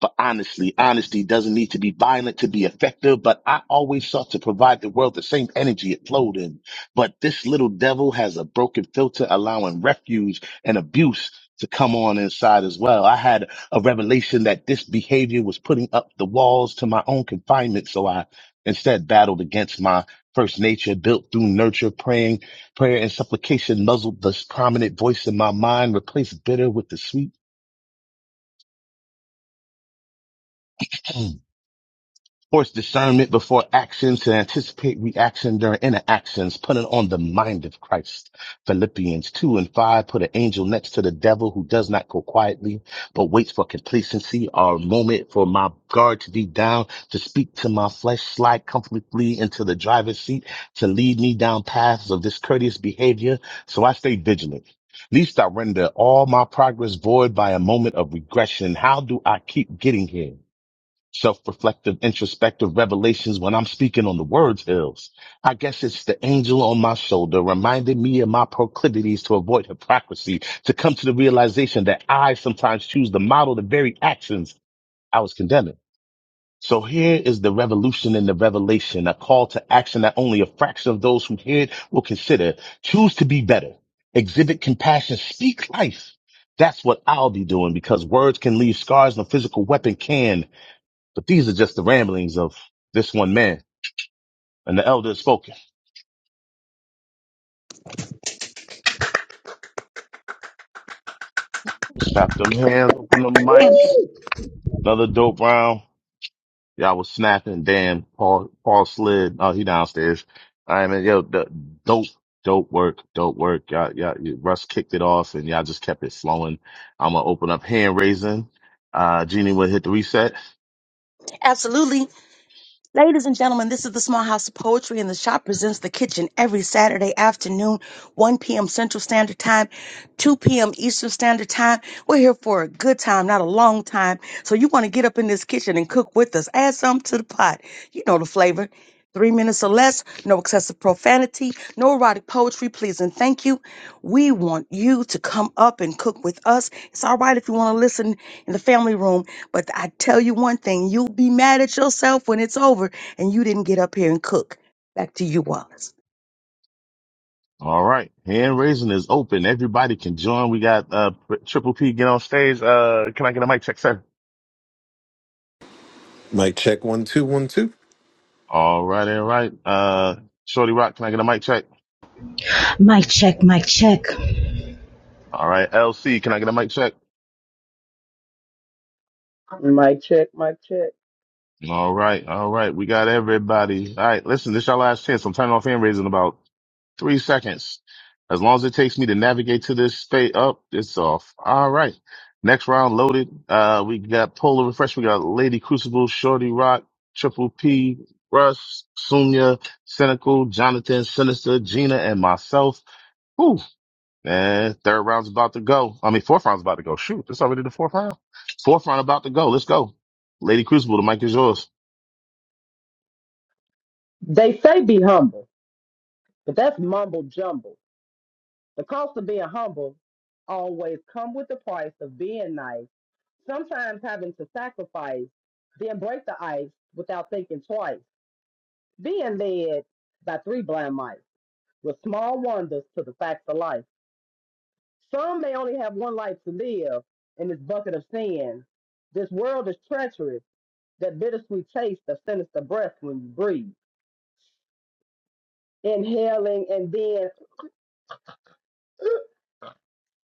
but honestly, honesty doesn't need to be violent to be effective, but I always sought to provide the world the same energy it flowed in. But this little devil has a broken filter allowing refuge and abuse to come on inside as well. I had a revelation that this behavior was putting up the walls to my own confinement. So I instead battled against my first nature built through nurture, praying, prayer and supplication muzzled this prominent voice in my mind, replaced bitter with the sweet Sports discernment before actions to anticipate reaction during interactions, putting on the mind of Christ. Philippians 2 and 5, put an angel next to the devil who does not go quietly, but waits for complacency or a moment for my guard to be down, to speak to my flesh, slide comfortably into the driver's seat, to lead me down paths of discourteous behavior. So I stay vigilant. Least I render all my progress void by a moment of regression. How do I keep getting here? self-reflective, introspective revelations when I'm speaking on the words ills. I guess it's the angel on my shoulder reminding me of my proclivities to avoid hypocrisy, to come to the realization that I sometimes choose to model the very actions I was condemning. So here is the revolution in the revelation, a call to action that only a fraction of those who hear it will consider. Choose to be better. Exhibit compassion. Speak life. That's what I'll be doing because words can leave scars and a physical weapon can. But these are just the ramblings of this one man. And the elder has spoken. Strap them hands, open them
Damn
mics.
it.
Another dope round. Y'all was snapping. Damn, Paul, Paul slid. Oh, he downstairs. I mean, yo, the, dope, dope work, dope work. Y'all, y'all, you- Russ kicked it off and y'all just kept it flowing. I'm going to open up hand raising. Uh, Jeannie would hit the reset.
Absolutely. Ladies and gentlemen, this is the Small House of Poetry, and the shop presents the kitchen every Saturday afternoon, 1 p.m. Central Standard Time, 2 p.m. Eastern Standard Time. We're here for a good time, not a long time. So you want to get up in this kitchen and cook with us. Add something to the pot. You know the flavor. Three minutes or less, no excessive profanity, no erotic poetry, please and thank you. We want you to come up and cook with us. It's all right if you want to listen in the family room but I tell you one thing, you'll be mad at yourself when it's over and you didn't get up here and cook. Back to you, Wallace.
All right. Hand raising is open. Everybody can join. We got, uh, Triple P get on stage. Uh, can I get a mic check, sir?
Mic check one two one two.
All right, all right. Uh, Shorty Rock, can I get a mic check?
Mic check, mic check.
All right, LC, can I get a mic check?
Mic check, mic check.
All right, all right. We got everybody. All right, listen, this is our last chance. I'm turning off hand raising in about three seconds. As long as it takes me to navigate to this state up, it's off. All right. Next round loaded. Uh, we got Polar Refresh. We got Lady Crucible, Shorty Rock, Triple P, Russ, Sunya, Cynical, Jonathan, Sinister, Gina, and myself. Whew. Man, third round's about to go. I mean, fourth round's about to go. Shoot, it's already the fourth round. Fourth round about to go. Let's go. Lady Crucible, the mic is yours.
They say be humble, but that's mumble jumble. The cost of being humble always come with the price of being nice. Sometimes having to sacrifice, then break the ice without thinking twice. Being led by three blind mice with small wonders to the facts of life. Some may only have one life to live in this bucket of sin. This world is treacherous, that bittersweet taste of sinister breath when you breathe. Inhaling and then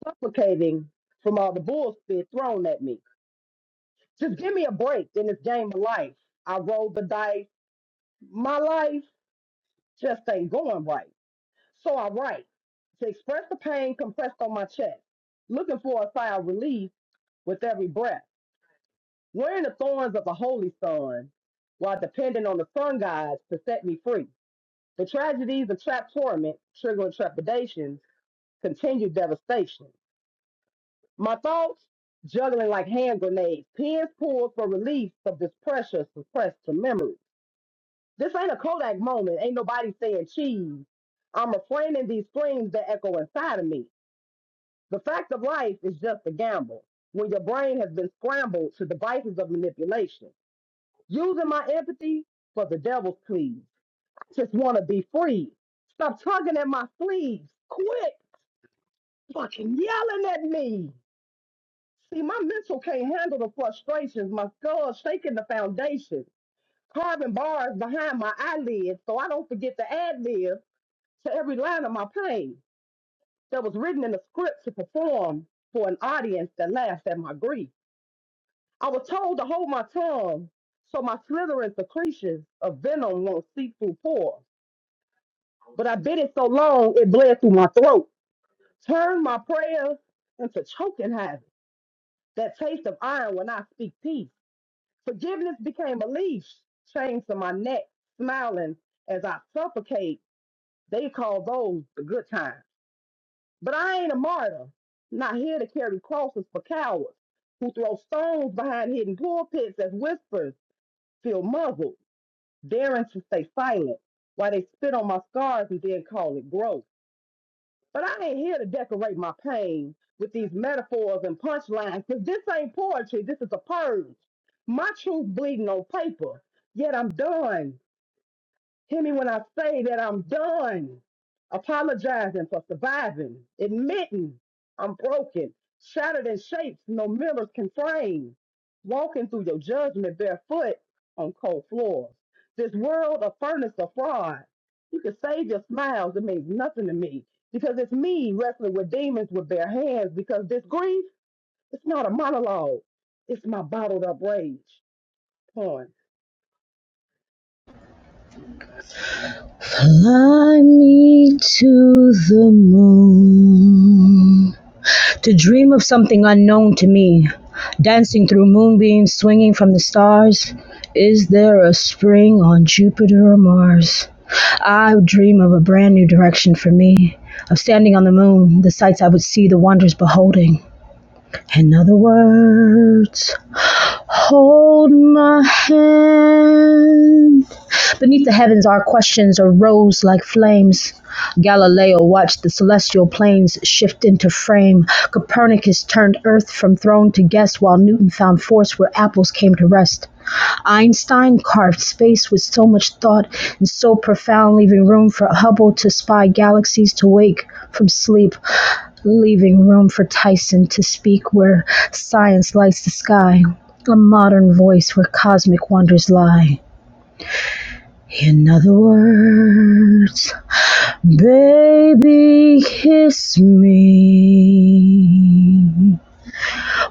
suffocating from all the bullshit thrown at me. Just give me a break in this game of life. I rolled the dice. My life just ain't going right. So I write to express the pain compressed on my chest, looking for a sigh of relief with every breath, wearing the thorns of the holy sun while depending on the sun gods to set me free. The tragedies of trapped torment, triggering trepidations, continued devastation. My thoughts juggling like hand grenades, pins pulled for release of this pressure suppressed to memory. This ain't a Kodak moment. Ain't nobody saying cheese. I'm refraining these flames that echo inside of me. The fact of life is just a gamble when your brain has been scrambled to devices of manipulation. Using my empathy for the devil's pleas. Just want to be free. Stop tugging at my sleeves. Quit fucking yelling at me. See, my mental can't handle the frustrations. My skull's shaking the foundation, carving bars behind my eyelids so I don't forget to ad lib to every line of my pain that was written in the script to perform for an audience that laughed at my grief. I was told to hold my tongue so my slithering secretions of venom won't seep through pores. But I bit it so long it bled through my throat. Turned my prayers into choking hazards. That taste of iron when I speak peace Forgiveness became a leash, chained to my neck, smiling as I suffocate. They call those the good times. But I ain't a martyr, not here to carry crosses for cowards who throw stones behind hidden pulpits as whispers feel muzzled, daring to stay silent while they spit on my scars and then call it growth. But I ain't here to decorate my pain with these metaphors and punchlines, because this ain't poetry. This is a purge. My truth bleeding on paper. Yet I'm done. Hear me when I say that I'm done apologizing for surviving, admitting I'm broken, shattered in shapes no mirrors can frame, walking through your judgment barefoot on cold floors. This world a furnace of fraud. You can save your smiles, it means nothing to me because it's me wrestling with demons with bare hands because this grief, it's not a monologue, it's my bottled up rage. Poem.
Fly me to the moon. To dream of something unknown to me. Dancing through moonbeams, swinging from the stars. Is there a spring on Jupiter or Mars? I dream of a brand new direction for me. Of standing on the moon, the sights I would see, the wonders beholding. In other words, hold my hand. Beneath the heavens, our questions arose like flames. Galileo watched the celestial planes shift into frame. Copernicus turned Earth from throne to guest, while Newton found force where apples came to rest. Einstein carved space with so much thought and so profound, leaving room for Hubble to spy galaxies to wake from sleep, leaving room for Tyson to speak where science lights the sky, a modern voice where cosmic wonders lie. In other words, baby, kiss me.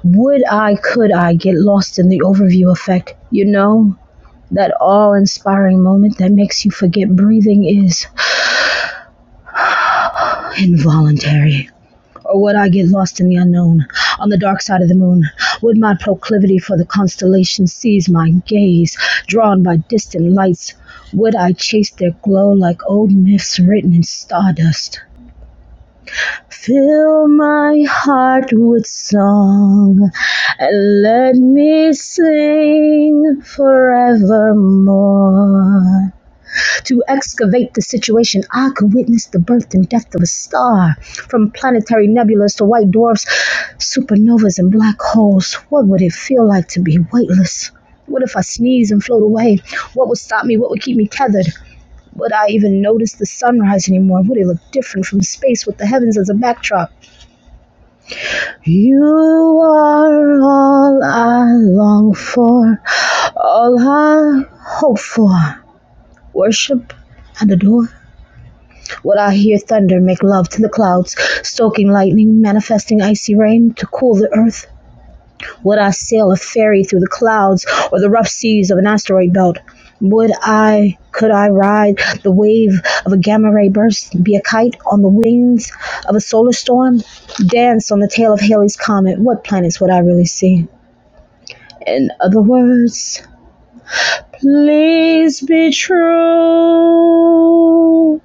Would I, could I get lost in the overview effect? You know, that awe inspiring moment that makes you forget breathing is involuntary. Or would I get lost in the unknown, on the dark side of the moon? Would my proclivity for the constellations seize my gaze, drawn by distant lights? Would I chase their glow like old myths written in stardust? Fill my heart with song and let me sing forevermore. To excavate the situation, I could witness the birth and death of a star, from planetary nebulas to white dwarfs, supernovas, and black holes. What would it feel like to be weightless? What if I sneeze and float away? What would stop me? What would keep me tethered? Would I even notice the sunrise anymore? Would it look different from space with the heavens as a backdrop? You are all I long for, all I hope for, worship and adore. Will I hear thunder make love to the clouds, stoking lightning, manifesting icy rain to cool the earth? Would I sail a ferry through the clouds or the rough seas of an asteroid belt? Would I, could I ride the wave of a gamma ray burst, be a kite on the wings of a solar storm, dance on the tail of Halley's Comet? What planets would I really see? In other words, please be true.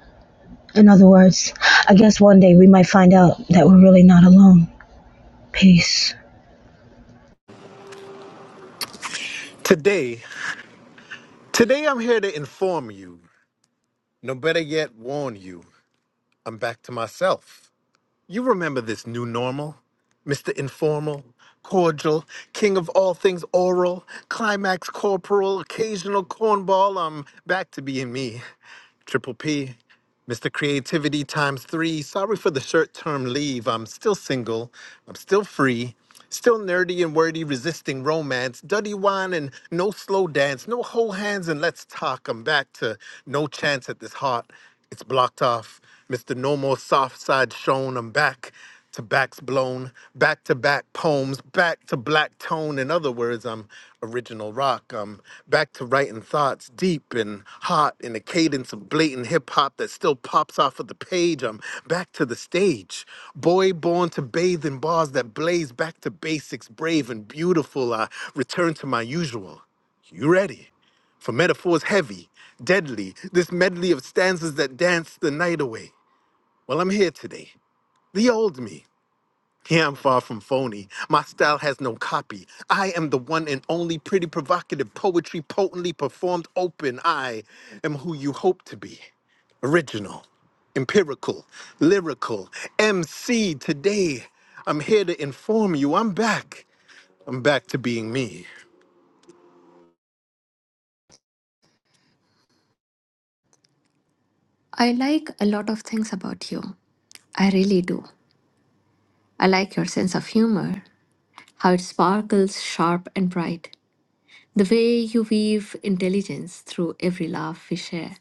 In other words, I guess one day we might find out that we're really not alone. Peace.
Today, today I'm here to inform you. No better yet, warn you. I'm back to myself. You remember this new normal, Mister Informal, cordial, king of all things oral, climax corporal, occasional cornball. I'm back to being me. Triple P, Mr. Creativity times three. Sorry for the short term leave. I'm still single. I'm still free. Still nerdy and wordy, resisting romance. Duddy wine and no slow dance. No whole hands and let's talk. I'm back to no chance at this heart. It's blocked off. Mr. No More Soft Side Shown. I'm back to backs blown, back to back poems, back to black tone. In other words, I'm original rock. I'm back to writing thoughts deep and hot in a cadence of blatant hip hop that still pops off of the page. I'm back to the stage. Boy born to bathe in bars that blaze back to basics, brave and beautiful. I return to my usual. You ready? For metaphors heavy, deadly, this medley of stanzas that dance the night away. Well, I'm here today. The old me. Yeah, I'm far from phony. My style has no copy. I am the one and only pretty provocative poetry potently performed open. I am who you hope to be. Original, empirical, lyrical, MC today. I'm here to inform you I'm back. I'm back to being me.
I like a lot of things about you. I really do. I like your sense of humor, how it sparkles sharp and bright. The way you weave intelligence through every laugh we share,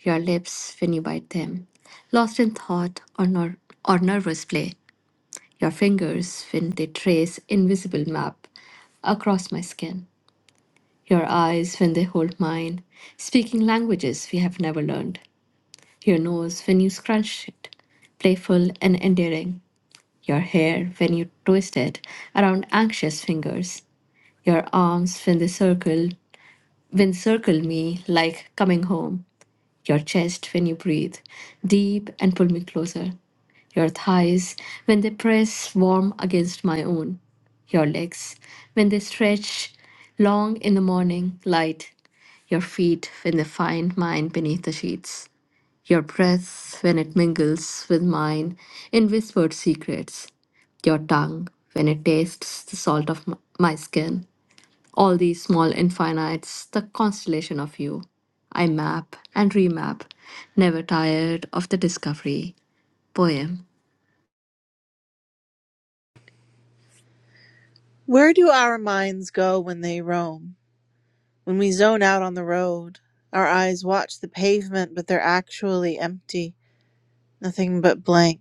your lips when you bite them, lost in thought or, ner- or nervous play, your fingers when they trace invisible map across my skin, your eyes when they hold mine, speaking languages we have never learned, your nose when you scrunch it, playful and endearing. your hair when you twist it around anxious fingers, your arms when they circle when circle me like coming home, your chest when you breathe deep and pull me closer, your thighs when they press warm against my own, your legs when they stretch long in the morning light, your feet when they find mine beneath the sheets your breath when it mingles with mine in whispered secrets, your tongue when it tastes the salt of m- my skin. All these small infinites, the constellation of you. I map and remap, never tired of the discovery. Poem.
Where do our minds go when they roam? When we zone out on the road, our eyes watch the pavement, but they're actually empty. Nothing but blank.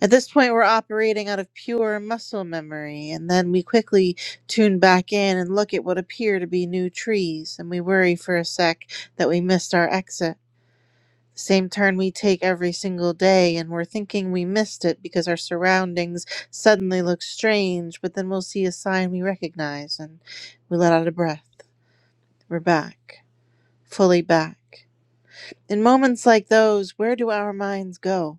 At this point, we're operating out of pure muscle memory, and then we quickly tune back in and look at what appear to be new trees, and we worry for a sec that we missed our exit. The same turn we take every single day, and we're thinking we missed it because our surroundings suddenly look strange, but then we'll see a sign we recognize, and we let out a breath. We're back, fully back. In moments like those, where do our minds go?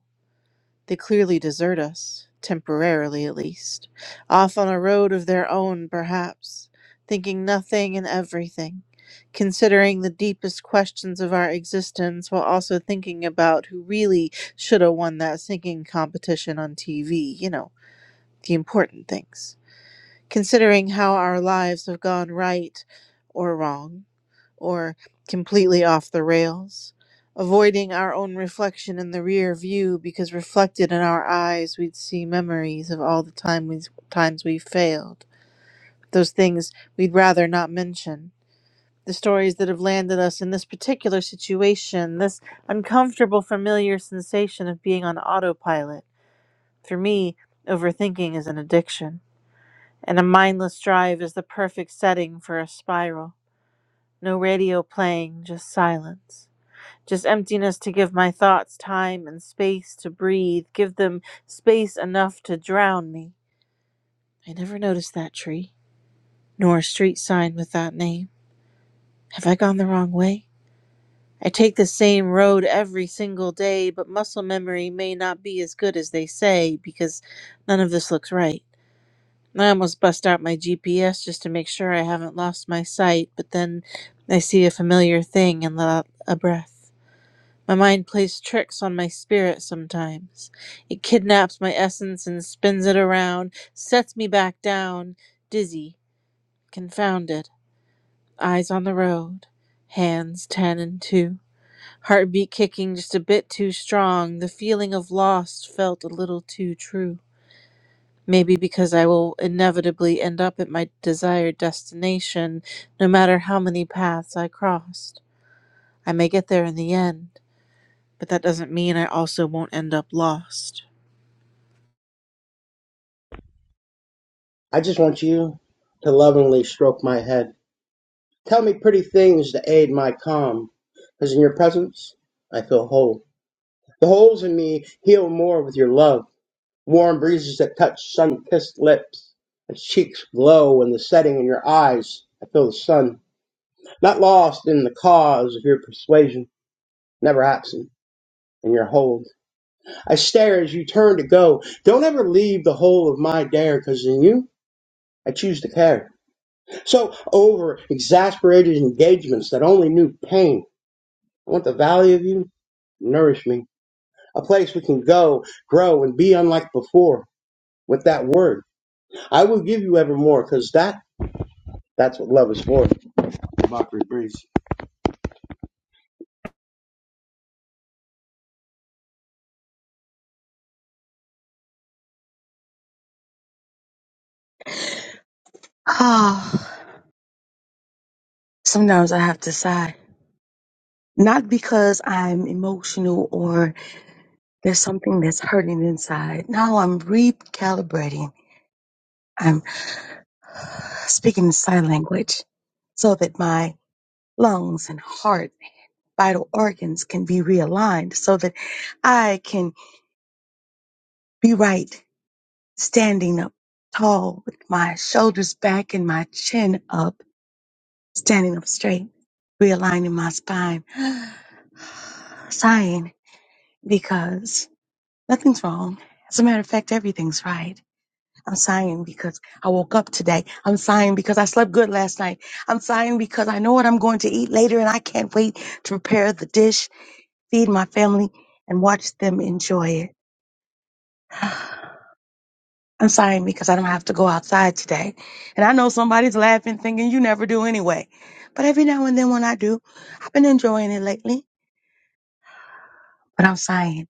They clearly desert us, temporarily at least, off on a road of their own, perhaps, thinking nothing and everything, considering the deepest questions of our existence while also thinking about who really should have won that singing competition on TV, you know, the important things considering how our lives have gone right or wrong, or completely off the rails, avoiding our own reflection in the rear view because reflected in our eyes we'd see memories of all the time we, times we failed, those things we'd rather not mention. The stories that have landed us in this particular situation, this uncomfortable, familiar sensation of being on autopilot. For me, overthinking is an addiction and a mindless drive is the perfect setting for a spiral. No radio playing, just silence. Just emptiness to give my thoughts time and space to breathe, give them space enough to drown me. I never noticed that tree, nor a street sign with that name. Have I gone the wrong way? I take the same road every single day, but muscle memory may not be as good as they say because none of this looks right. I almost bust out my GPS just to make sure I haven't lost my sight, but then I see a familiar thing and let out a breath. My mind plays tricks on my spirit sometimes. It kidnaps my essence and spins it around, sets me back down, dizzy, confounded, eyes on the road, hands ten and two, heartbeat kicking just a bit too strong, the feeling of lost felt a little too true. Maybe because I will inevitably end up at my desired destination, no matter how many paths I crossed. I may get there in the end, but that doesn't mean I also won't end up lost.
I just want you to lovingly stroke my head. Tell me pretty things to aid my calm, because in your presence I feel whole. The holes in me heal more with your love. Warm breezes that touch sun-kissed lips and cheeks glow in the setting in your eyes. I feel the sun, not lost in the cause of your persuasion, never absent in your hold. I stare as you turn to go. Don't ever leave the whole of my dare, because in you I choose to care. So over exasperated engagements that only knew pain. I want the valley of you. Nourish me. A place we can go, grow, and be unlike before with that word. I will give you evermore, because that that's what love is for. Mockery breeze.
Oh, sometimes I have to sigh. Not because I'm emotional or there's something that's hurting inside. No, I'm recalibrating. I'm speaking sign language so that my lungs and heart, vital organs can be realigned so that I can be right standing up tall with my shoulders back and my chin up, standing up straight, realigning my spine, sighing because nothing's wrong. As a matter of fact, everything's right. I'm sighing because I woke up today. I'm sighing because I slept good last night. I'm sighing because I know what I'm going to eat later and I can't wait to prepare the dish, feed my family, and watch them enjoy it. I'm sorry because I don't have to go outside today. And I know somebody's laughing, thinking you never do anyway. But every now and then when I do, I've been enjoying it lately. But I'm sighing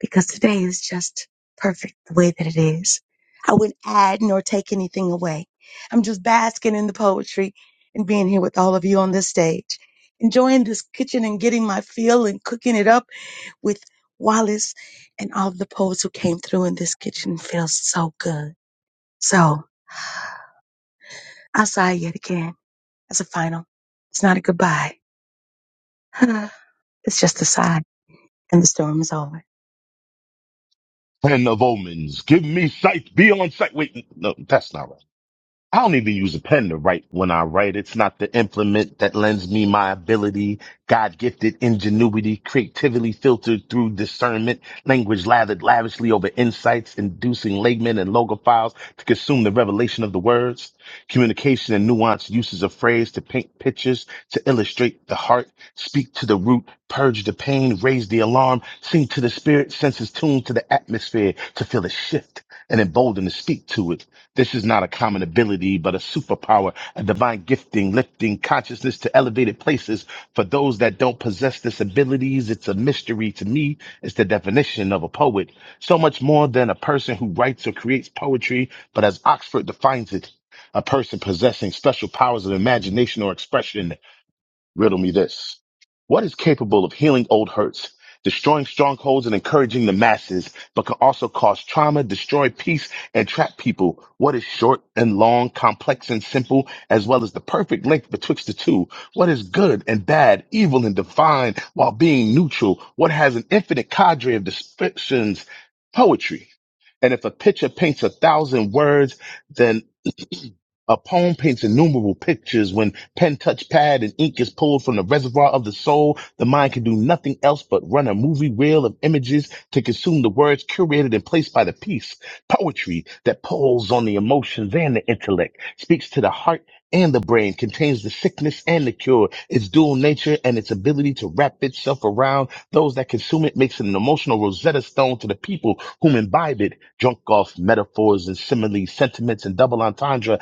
because today is just perfect the way that it is. I wouldn't add nor take anything away. I'm just basking in the poetry and being here with all of you on this stage, enjoying this kitchen and getting my feel and cooking it up with Wallace and all the poets who came through in this kitchen feels so good. So. I sigh yet again as a final. It's not a goodbye. it's just a sigh, and the storm is over.
Ten of omens. Give me sight. Be on sight. Wait, no, that's not right. I don't even use a pen to write when I write. It's not the implement that lends me my ability, God gifted ingenuity, creatively filtered through discernment, language lathered lavishly over insights, inducing laymen and logophiles to consume the revelation of the words, communication and nuanced uses of phrase to paint pictures, to illustrate the heart, speak to the root, purge the pain, raise the alarm, sing to the spirit, senses tuned to the atmosphere, to feel a shift and emboldened to speak to it this is not a common ability, but a superpower, a divine gifting, lifting consciousness to elevated places. For those that don't possess this abilities, it's a mystery to me. It's the definition of a poet. So much more than a person who writes or creates poetry, but as Oxford defines it, a person possessing special powers of imagination or expression Riddle me this. What is capable of healing old hurts, destroying strongholds and encouraging the masses, but can also cause trauma, destroy peace, and trap people? What is short and long, complex and simple, as well as the perfect length betwixt the two? What is good and bad, evil and divine, while being neutral? What has an infinite cadre of descriptions? Poetry. And if a picture paints a thousand words, then. A poem paints innumerable pictures. When pen touch pad and ink is pulled from the reservoir of the soul, the mind can do nothing else but run a movie reel of images to consume the words curated and placed by the piece. Poetry that pulls on the emotions and the intellect, speaks to the heart and the brain, contains the sickness and the cure, its dual nature and its ability to wrap itself around those that consume it makes it an emotional Rosetta Stone to the people whom imbibe it, drunk off metaphors and similes, sentiments and double entendre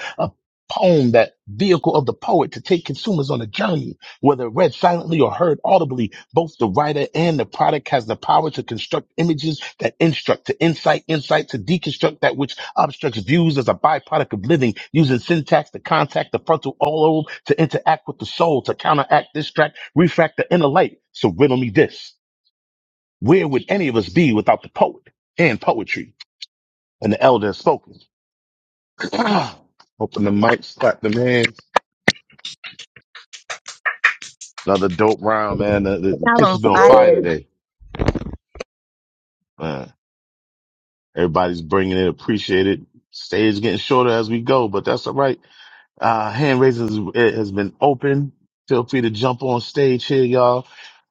poem, that vehicle of the poet to take consumers on a journey, whether read silently or heard audibly. Both the writer and the product has the power to construct images that instruct, to insight, insight, to deconstruct that which obstructs views as a byproduct of living, using syntax to contact the frontal lobe, to interact with the soul, to counteract, distract, refract the inner light. So riddle me this. Where would any of us be without the poet and poetry? And the elder has spoken. Open the mic, slap the man. Another dope round, man. The, the, the
Y'all on
kitchen's been on fire
fire.
today. Man, everybody's bringing it. Appreciate it. Stage getting shorter as we go, but that's all right. Uh, hand raising has has been open. Feel free to jump on stage here, y'all.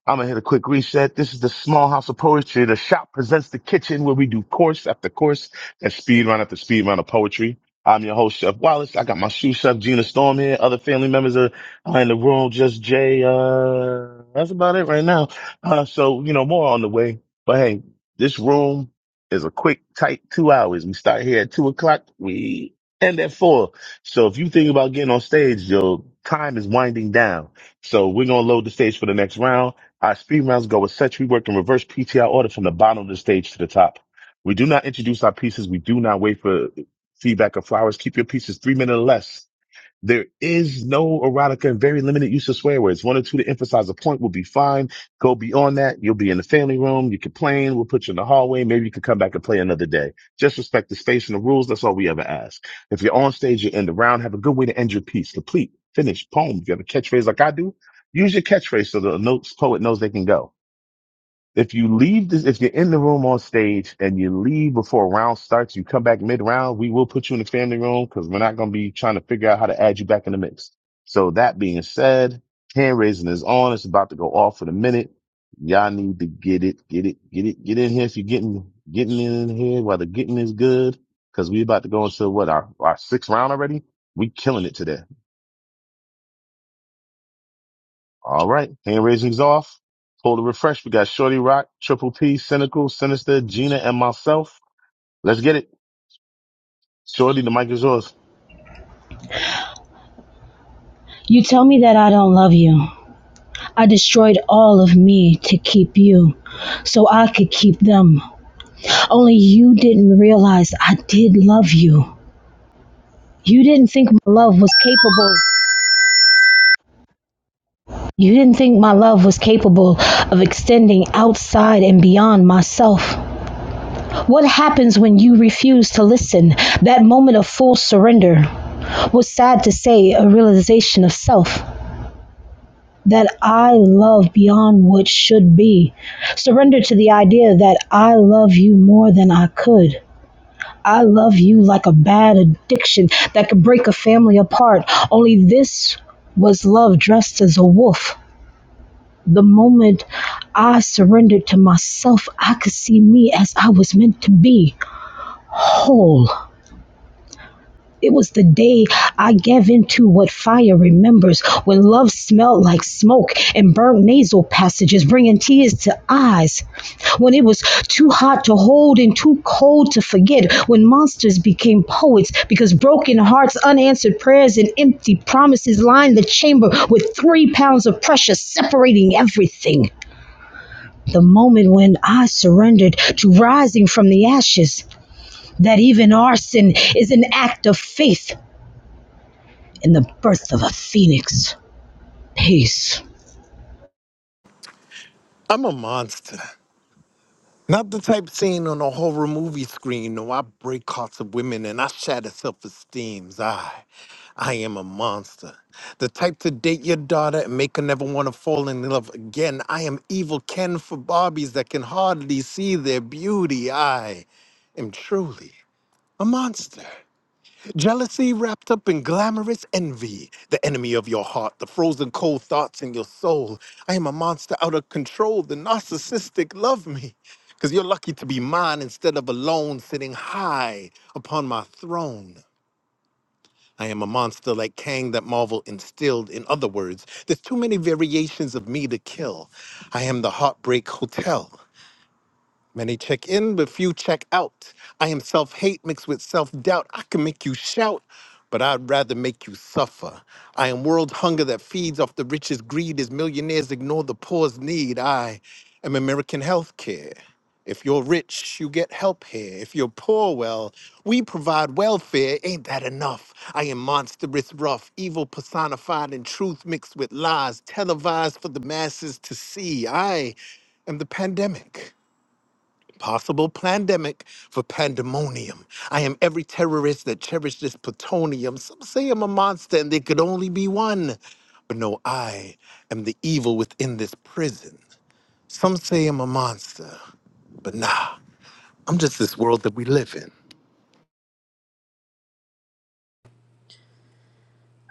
I'm gonna hit a quick reset. This is the Small House of Poetry. The shop presents the kitchen where we do course after course and speed round after speed round of poetry. I'm your host, Chef Wallace. I got my shoe chef Gina Storm here. Other family members are are in the room. Just Jay. Uh, that's about it right now. Uh, so you know more on the way. But hey, this room is a quick, tight two hours. We start here at two o'clock. We end at four. So if you think about getting on stage, your time is winding down. So we're gonna load the stage for the next round. Our speed rounds go as such. We work in reverse PTI order from the bottom of the stage to the top. We do not introduce our pieces. We do not wait for feedback or flowers. Keep your pieces three minutes or less. There is no erotica and very limited use of swear words. One or two to emphasize a point will be fine. Go beyond that. You'll be in the family room. You complain. We'll put you in the hallway. Maybe you can come back and play another day. Just respect the space and the rules. That's all we ever ask. If you're on stage, you end the round. Have a good way to end your piece. Complete, finish, poem. If you have a catchphrase like I do, use your catchphase so the notes poet knows they can go. If you leave this, if you're in the room on stage and you leave before a round starts, you come back mid round, we will put you in the family room because we're not going to be trying to figure out how to add you back in the mix. So that being said, hand raising is on. It's about to go off in a minute. Y'all need to get it, get it, get it, get in here. If you're getting, getting in here while the getting is good, because we about to go into what our, our sixth round already. We killing it today. All right. Hand raising's off. Hold a refresh. We got Shorty Rock, Triple P, Cynical, Sinister, Gina, and myself. Let's get it. Shorty, the mic is yours.
You tell me that I don't love you. I destroyed all of me to keep you, so I could keep them. Only you didn't realize I did love you. You didn't think my love was capable. You didn't think my love was capable of extending outside and beyond myself. What happens when you refuse to listen? That moment of full surrender was sad to say a realization of self that I love beyond what should be. Surrender to the idea that I love you more than I could. I love you like a bad addiction that could break a family apart. Only this was love dressed as a wolf. The moment I surrendered to myself, I could see me as I was meant to be whole It was the day I gave into what fire remembers when love smelled like smoke and burned nasal passages, bringing tears to eyes. When it was too hot to hold and too cold to forget. When monsters became poets because broken hearts, unanswered prayers, and empty promises lined the chamber with three pounds of pressure separating everything. The moment when I surrendered to rising from the ashes that even arson is an act of faith in the birth of a phoenix. Peace.
I'm a monster. Not the type seen on a horror movie screen. No, I break hearts of women and I shatter self-esteems. I, I am a monster. The type to date your daughter and make her never want to fall in love again. I am evil Ken for Barbies that can hardly see their beauty. I am truly a monster. Jealousy wrapped up in glamorous envy, the enemy of your heart, the frozen cold thoughts in your soul. I am a monster out of control. The narcissistic love me because you're lucky to be mine instead of alone sitting high upon my throne. I am a monster like Kang that Marvel instilled. In other words, there's too many variations of me to kill. I am the Heartbreak Hotel. Many check in, but few check out. I am self hate mixed with self doubt. I can make you shout, but I'd rather make you suffer. I am world hunger that feeds off the richest greed as millionaires ignore the poor's need. I am American healthcare. If you're rich, you get help here. If you're poor, well, we provide welfare. Ain't that enough? I am monstrous rough, evil personified in truth mixed with lies, televised for the masses to see. I am the pandemic. Possible pandemic for pandemonium. I am every terrorist that cherished this plutonium. Some say I'm a monster and there could only be one. But no, I am the evil within this prison. Some say I'm a monster, but nah, I'm just this world that we live in.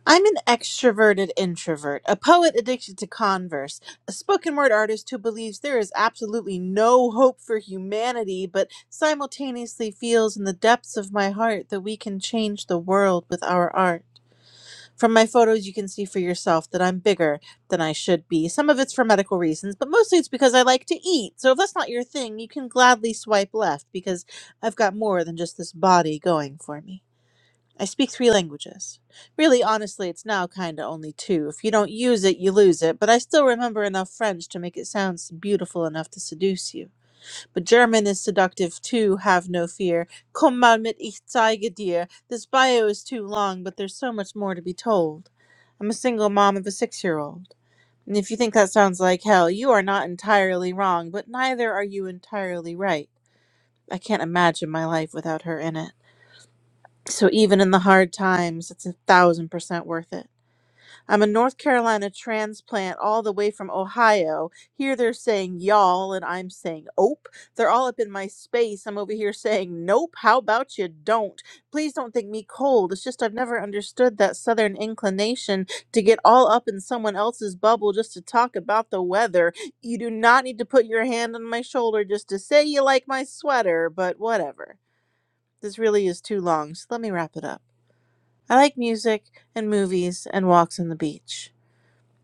I'm an extroverted introvert, a poet addicted to converse, a spoken word artist who believes there is absolutely no hope for humanity, but simultaneously feels in the depths of my heart that we can change the world with our art. From my photos, you can see for yourself that I'm bigger than I should be. Some of it's for medical reasons, but mostly it's because I like to eat. So if that's not your thing, you can gladly swipe left because I've got more than just this body going for me. I speak three languages. Really, honestly, it's now kinda only two. If you don't use it, you lose it, but I still remember enough French to make it sound s- beautiful enough to seduce you. But German is seductive too, have no fear. Komm mal mit, ich zeige dir. This bio is too long, but there's so much more to be told. I'm a single mom of a six year old. And if you think that sounds like hell, you are not entirely wrong, but neither are you entirely right. I can't imagine my life without her in it. So even in the hard times, it's a thousand percent worth it. I'm a North Carolina transplant all the way from Ohio. Here they're saying y'all, and I'm saying ope. They're all up in my space. I'm over here saying nope. How about you don't? Please don't think me cold. It's just I've never understood that southern inclination to get all up in someone else's bubble just to talk about the weather. You do not need to put your hand on my shoulder just to say you like my sweater, but whatever. This really is too long, so let me wrap it up. I like music and movies and walks on the beach.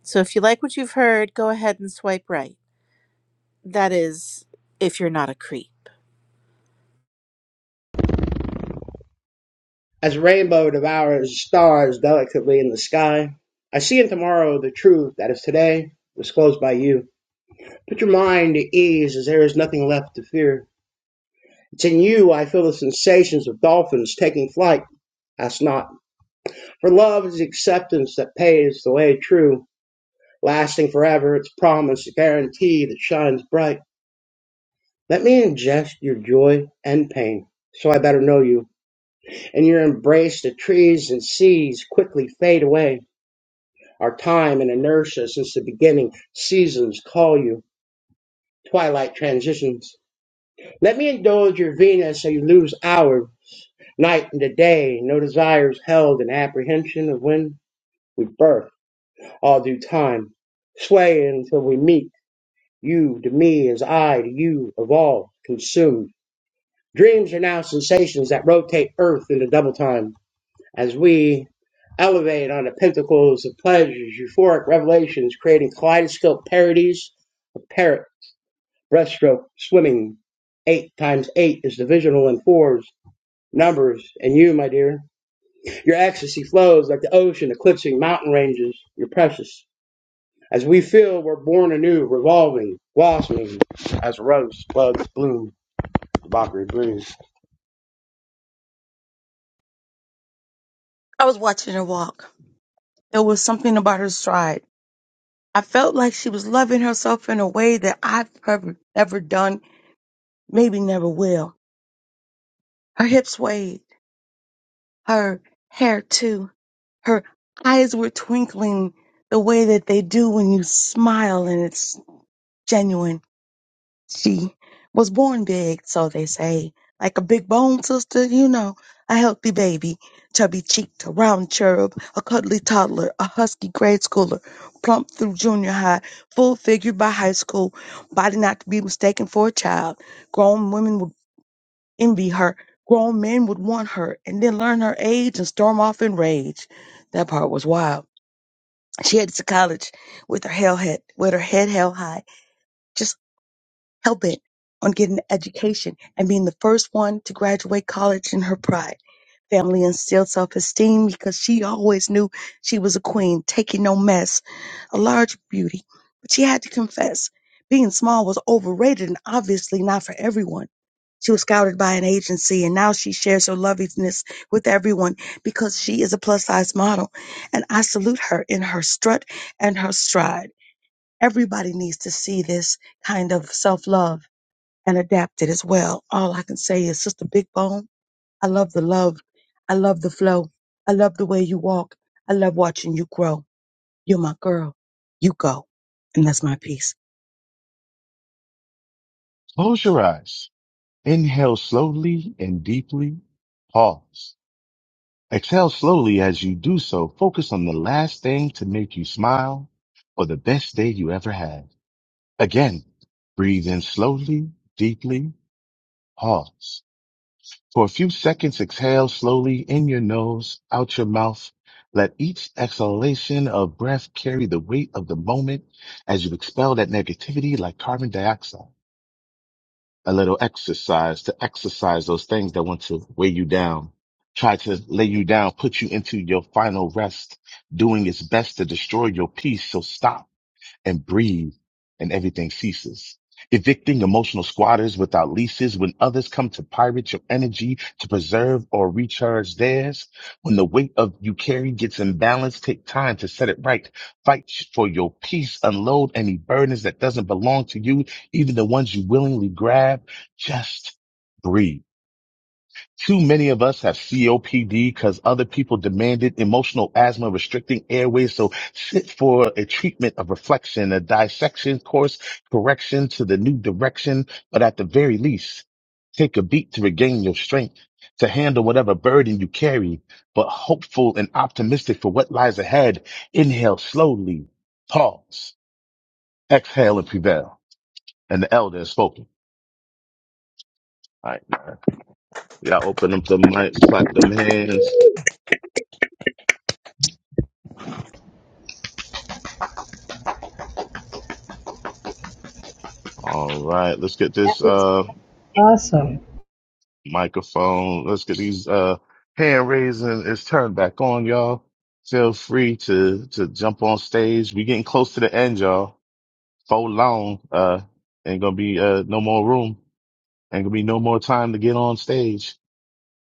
So if you like what you've heard, go ahead and swipe right. That is, if you're not a creep.
As rainbow devours stars delicately in the sky, I see in tomorrow the truth that is today disclosed by you. Put your mind at ease as there is nothing left to fear. It's in you I feel the sensations of dolphins taking flight. Ask not. For love is the acceptance that pays the way true, lasting forever, its promise, a guarantee that shines bright. Let me ingest your joy and pain, so I better know you. In your embrace, the trees and seas quickly fade away. Our time and inertia since the beginning, seasons call you, twilight transitions. Let me indulge your Venus so you lose hour, night into day, no desires held in apprehension of when we birth. all due time, swaying until we meet you to me as I to you, evolve, consumed. Dreams are now sensations that rotate Earth into double time as we elevate on the pentacles of pleasures, euphoric revelations, creating kaleidoscope parodies of parrot breaststroke swimming. Eight times eight is divisional in fours, numbers, and you, my dear. Your ecstasy flows like the ocean eclipsing mountain ranges. You're precious. As we feel, we're born anew, revolving, blossoming, as a rose buds bloom, the mockery brews.
I was watching her walk. There was something about her stride. I felt like she was loving herself in a way that I've never, never done, maybe never will. Her hips swayed, her hair too. Her eyes were twinkling the way that they do when you smile and it's genuine She was born big, so they say, like a big bone sister, you know, a healthy baby, chubby cheeked, a round cherub, a cuddly toddler, a husky grade schooler, plump through junior high, full figured by high school, body not to be mistaken for a child. Grown women would envy her, grown men would want her, and then learn her age and storm off in rage. That part was wild. She headed to college with her hell head, with her head held high hell bent on getting an education and being the first one to graduate college in her pride. Family instilled self esteem because she always knew she was a queen, taking no mess, a large beauty. But she had to confess being small was overrated and obviously not for everyone. She was scouted by an agency and now she shares her lovingness with everyone because she is a plus size model. And I salute her in her strut and her stride. Everybody needs to see this kind of self love and adapted as well. All I can say is, Sister Big Bone, I love the love. I love the flow. I love the way you walk. I love watching you grow. You're my girl. You go. And that's my piece.
Close your eyes. Inhale slowly and deeply. Pause. Exhale slowly as you do so. Focus on the last thing to make you smile or the best day you ever had. Again, breathe in slowly, deeply. Pause. For a few seconds, exhale slowly in your nose, out your mouth. Let each exhalation of breath carry the weight of the moment as you expel that negativity like carbon dioxide. A little exercise to exercise those things that want to weigh you down, try to lay you down, put you into your final rest, doing its best to destroy your peace. So stop and breathe and everything ceases. Evicting emotional squatters without leases when others come to pirate your energy to preserve or recharge theirs. When the weight of you carry gets imbalanced, take time to set it right. Fight for your peace. Unload any burdens that doesn't belong to you, even the ones you willingly grab. Just breathe. Too many of us have COPD because other people demanded emotional asthma restricting airways. So sit for a treatment of reflection, a dissection course correction to the new direction. But at the very least, take a beat to regain your strength to handle whatever burden you carry, but hopeful and optimistic for what lies ahead. Inhale slowly, pause, exhale and prevail. And the elder has spoken. All right. Y'all open up the mics, clap them hands. All right, let's get this uh microphone. Let's get these uh hand raising is turned back on, y'all. Feel free to to jump on stage. we getting close to the end, y'all. For long, uh, ain't gonna be uh no more room. Ain't gonna be no more time to get on stage.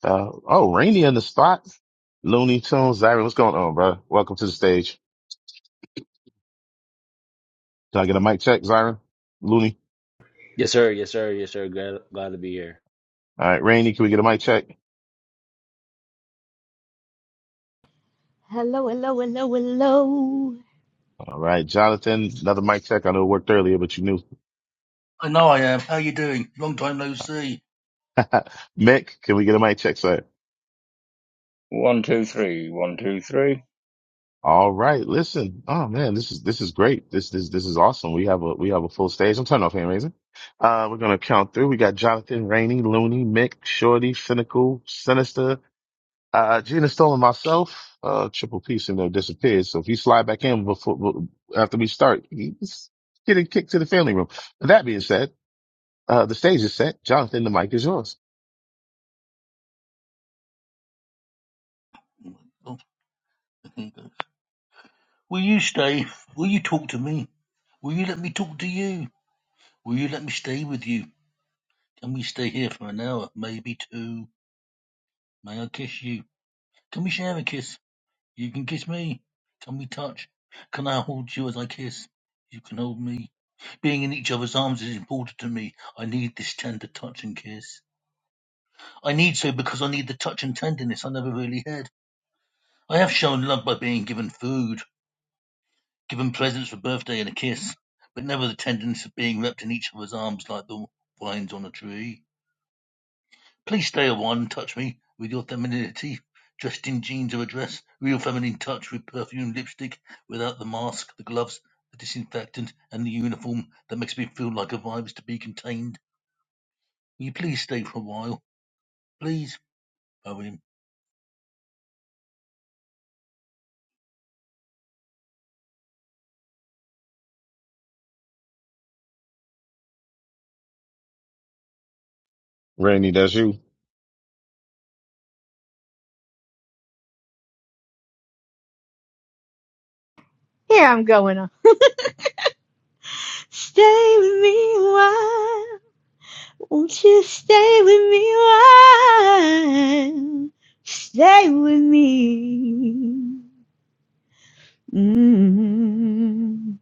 Uh oh, Rainy in the spot. Looney Tunes, Zyron, what's going on, bro? Welcome to the stage. Can I get a mic check, Zyron? Looney.
Yes, sir. Yes, sir. Yes, sir. Glad, glad to be here.
All right, Rainy, can we get a mic check?
Hello, hello, hello, hello.
All right, Jonathan, another mic check. I know it worked earlier, but you knew.
I know I am. How you doing? Long time no see.
Mick, can we get a mic check? Sir?
One, two, three. One, two, three.
All right. Listen. Oh man, this is this is great. This this this is awesome. We have a we have a full stage. I'm turning off hand raising. Uh, we're gonna count through. We got Jonathan, Rainey, Looney, Mick, Shorty, Cynical, Sinister, uh, Gina Stone, and myself. Uh, Triple P seemed to have disappeared. So if you slide back in before after we start, he's getting kicked to the family room. That being said, uh, the stage is set. Jonathan, the mic is yours.
Oh. Will you stay? Will you talk to me? Will you let me talk to you? Will you let me stay with you? Can we stay here for an hour, maybe two? May I kiss you? Can we share a kiss? You can kiss me. Can we touch? Can I hold you as I kiss? You can hold me. Being in each other's arms is important to me. I need this tender touch and kiss. I need so because I need the touch and tenderness I never really had. I have shown love by being given food. Give 'em presents for birthday and a kiss, but never the tenderness of being wrapped in each other's arms like the vines on a tree. Please stay a while and touch me with your femininity, dressed in jeans or a dress, real feminine touch with perfume, lipstick, without the mask, the gloves, the disinfectant, and the uniform that makes me feel like a vibe is to be contained. Will you please stay for a while? Please, poem.
Rainey, that's you.
Here I'm going. uh, Stay with me a while. Won't you stay with me a while? Stay with me. mm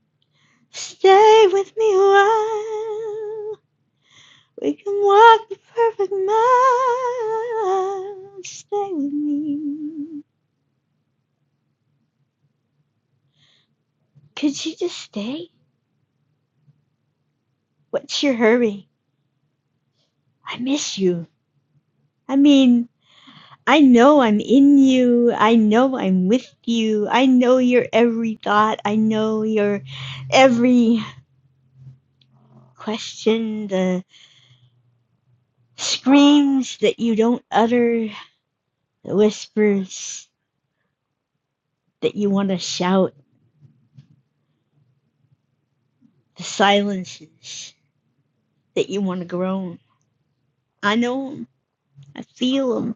Stay with me a while. We can walk the perfect mile. Stay with me. Could you just stay? What's your hurry? I miss you. I mean, I know I'm in you. I know I'm with you. I know your every thought. I know your every question, the screams that you don't utter, the whispers that you want to shout, the silences that you want to groan. I know them. I feel them.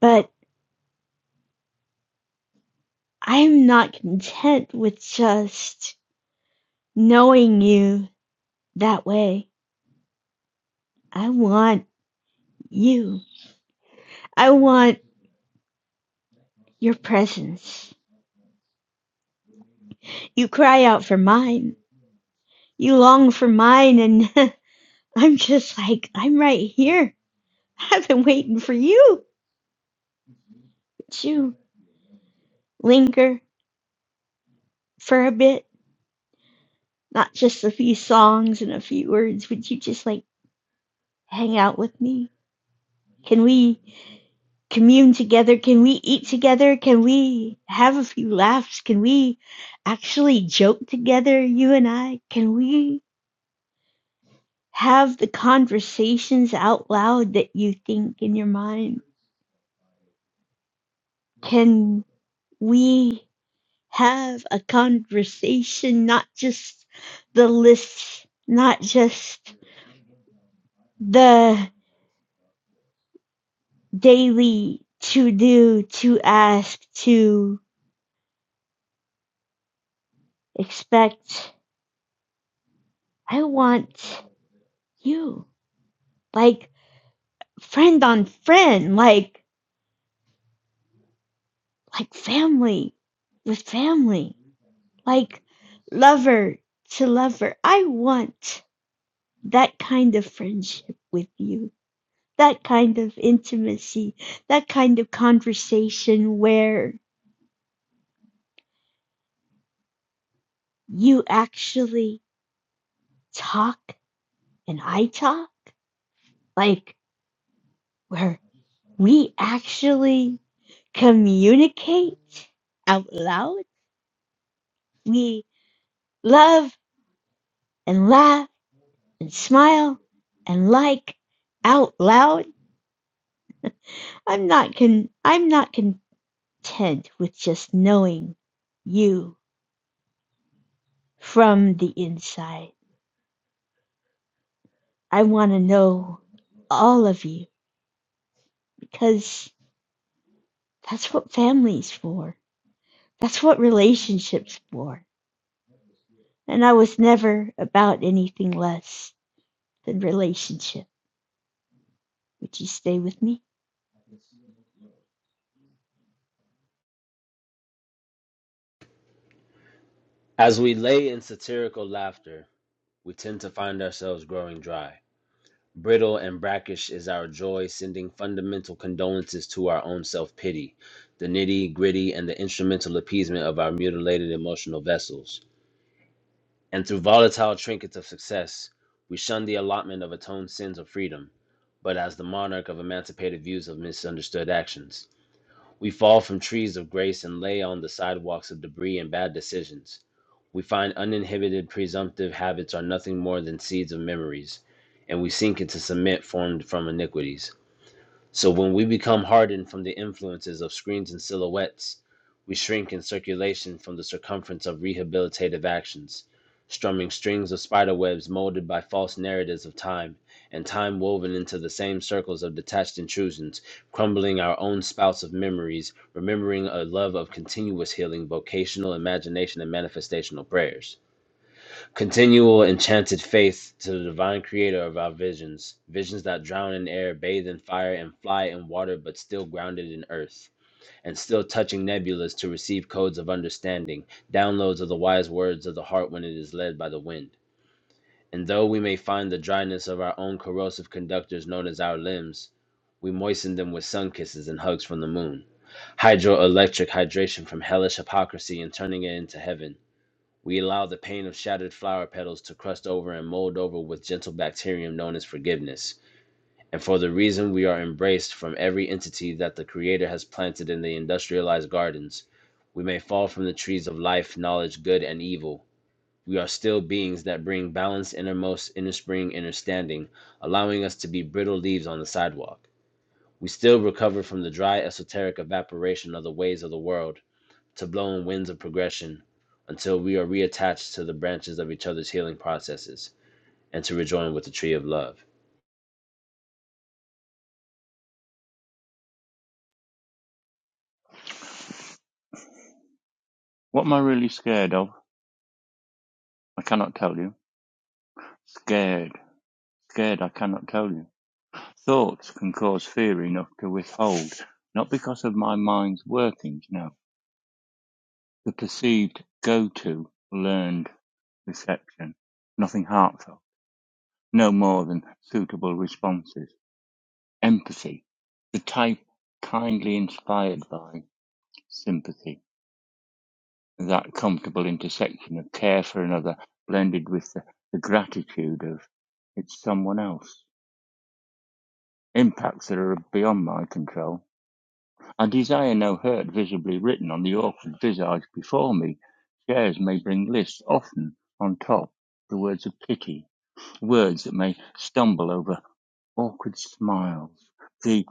But I'm not content with just knowing you that way. I want you. I want your presence. You cry out for mine. You long for mine, and I'm just like, I'm right here. I've been waiting for you. Would you linger for a bit? Not just a few songs and a few words. Would you just like hang out with me? Can we commune together? Can we eat together? Can we have a few laughs? Can we actually joke together, you and I? Can we have the conversations out loud that you think in your mind? Can we have a conversation, not just the list, not just the daily to do, to ask, to expect. I want you, like friend on friend, like like family with family, like lover to lover. I want that kind of friendship with you. that kind of intimacy, that kind of conversation where you actually talk and I talk, like where we actually communicate out loud. We love and laugh and smile and like out loud. I'm not con- I'm not content with just knowing you from the inside. I want to know all of you because that's what family's for. That's what relationships for. And I was never about anything less than relationship. Would you stay with me?
As we lay in satirical laughter, we tend to find ourselves growing dry. Brittle and brackish is our joy, sending fundamental condolences to our own self pity, the nitty gritty, and the instrumental appeasement of our mutilated emotional vessels. And through volatile trinkets of success, we shun the allotment of atoned sins of freedom, but as the monarch of emancipated views of misunderstood actions. We fall from trees of grace and lay on the sidewalks of debris and bad decisions. We find uninhibited presumptive habits are nothing more than seeds of memories, and we sink into cement formed from iniquities. So when we become hardened from the influences of screens and silhouettes, we shrink in circulation from the circumference of rehabilitative actions, strumming strings of spiderwebs molded by false narratives of time, and time woven into the same circles of detached intrusions, crumbling our own spouts of memories, remembering a love of continuous healing, vocational imagination, and manifestational prayers. Continual enchanted faith to the divine creator of our visions, visions that drown in air, bathe in fire, and fly in water, but still grounded in earth, and still touching nebulas to receive codes of understanding, downloads of the wise words of the heart when it is led by the wind. And though we may find the dryness of our own corrosive conductors known as our limbs, we moisten them with sun kisses and hugs from the moon. Hydroelectric hydration from hellish hypocrisy and turning it into heaven we allow the pain of shattered flower petals to crust over and mold over with gentle bacterium known as forgiveness. And for the reason we are embraced from every entity that the Creator has planted in the industrialized gardens, we may fall from the trees of life, knowledge, good, and evil. We are still beings that bring balance, innermost, inner spring, inner standing, allowing us to be brittle leaves on the sidewalk. We still recover from the dry, esoteric evaporation of the ways of the world to blowing winds of progression until we are reattached to the branches of each other's healing processes and to rejoin with the tree of love.
What am I really scared of? I cannot tell you. Scared. Scared, I cannot tell you. Thoughts can cause fear enough to withhold, not because of my mind's workings, no. The perceived go to learned reception. Nothing heartfelt. No more than suitable responses. Empathy. The type kindly inspired by sympathy that comfortable intersection of care for another blended with the, the gratitude of it's someone else. Impacts that are beyond my control. I desire no hurt visibly written on the awkward visage before me. Chairs may bring lists, often on top, the words of pity, words that may stumble over awkward smiles. The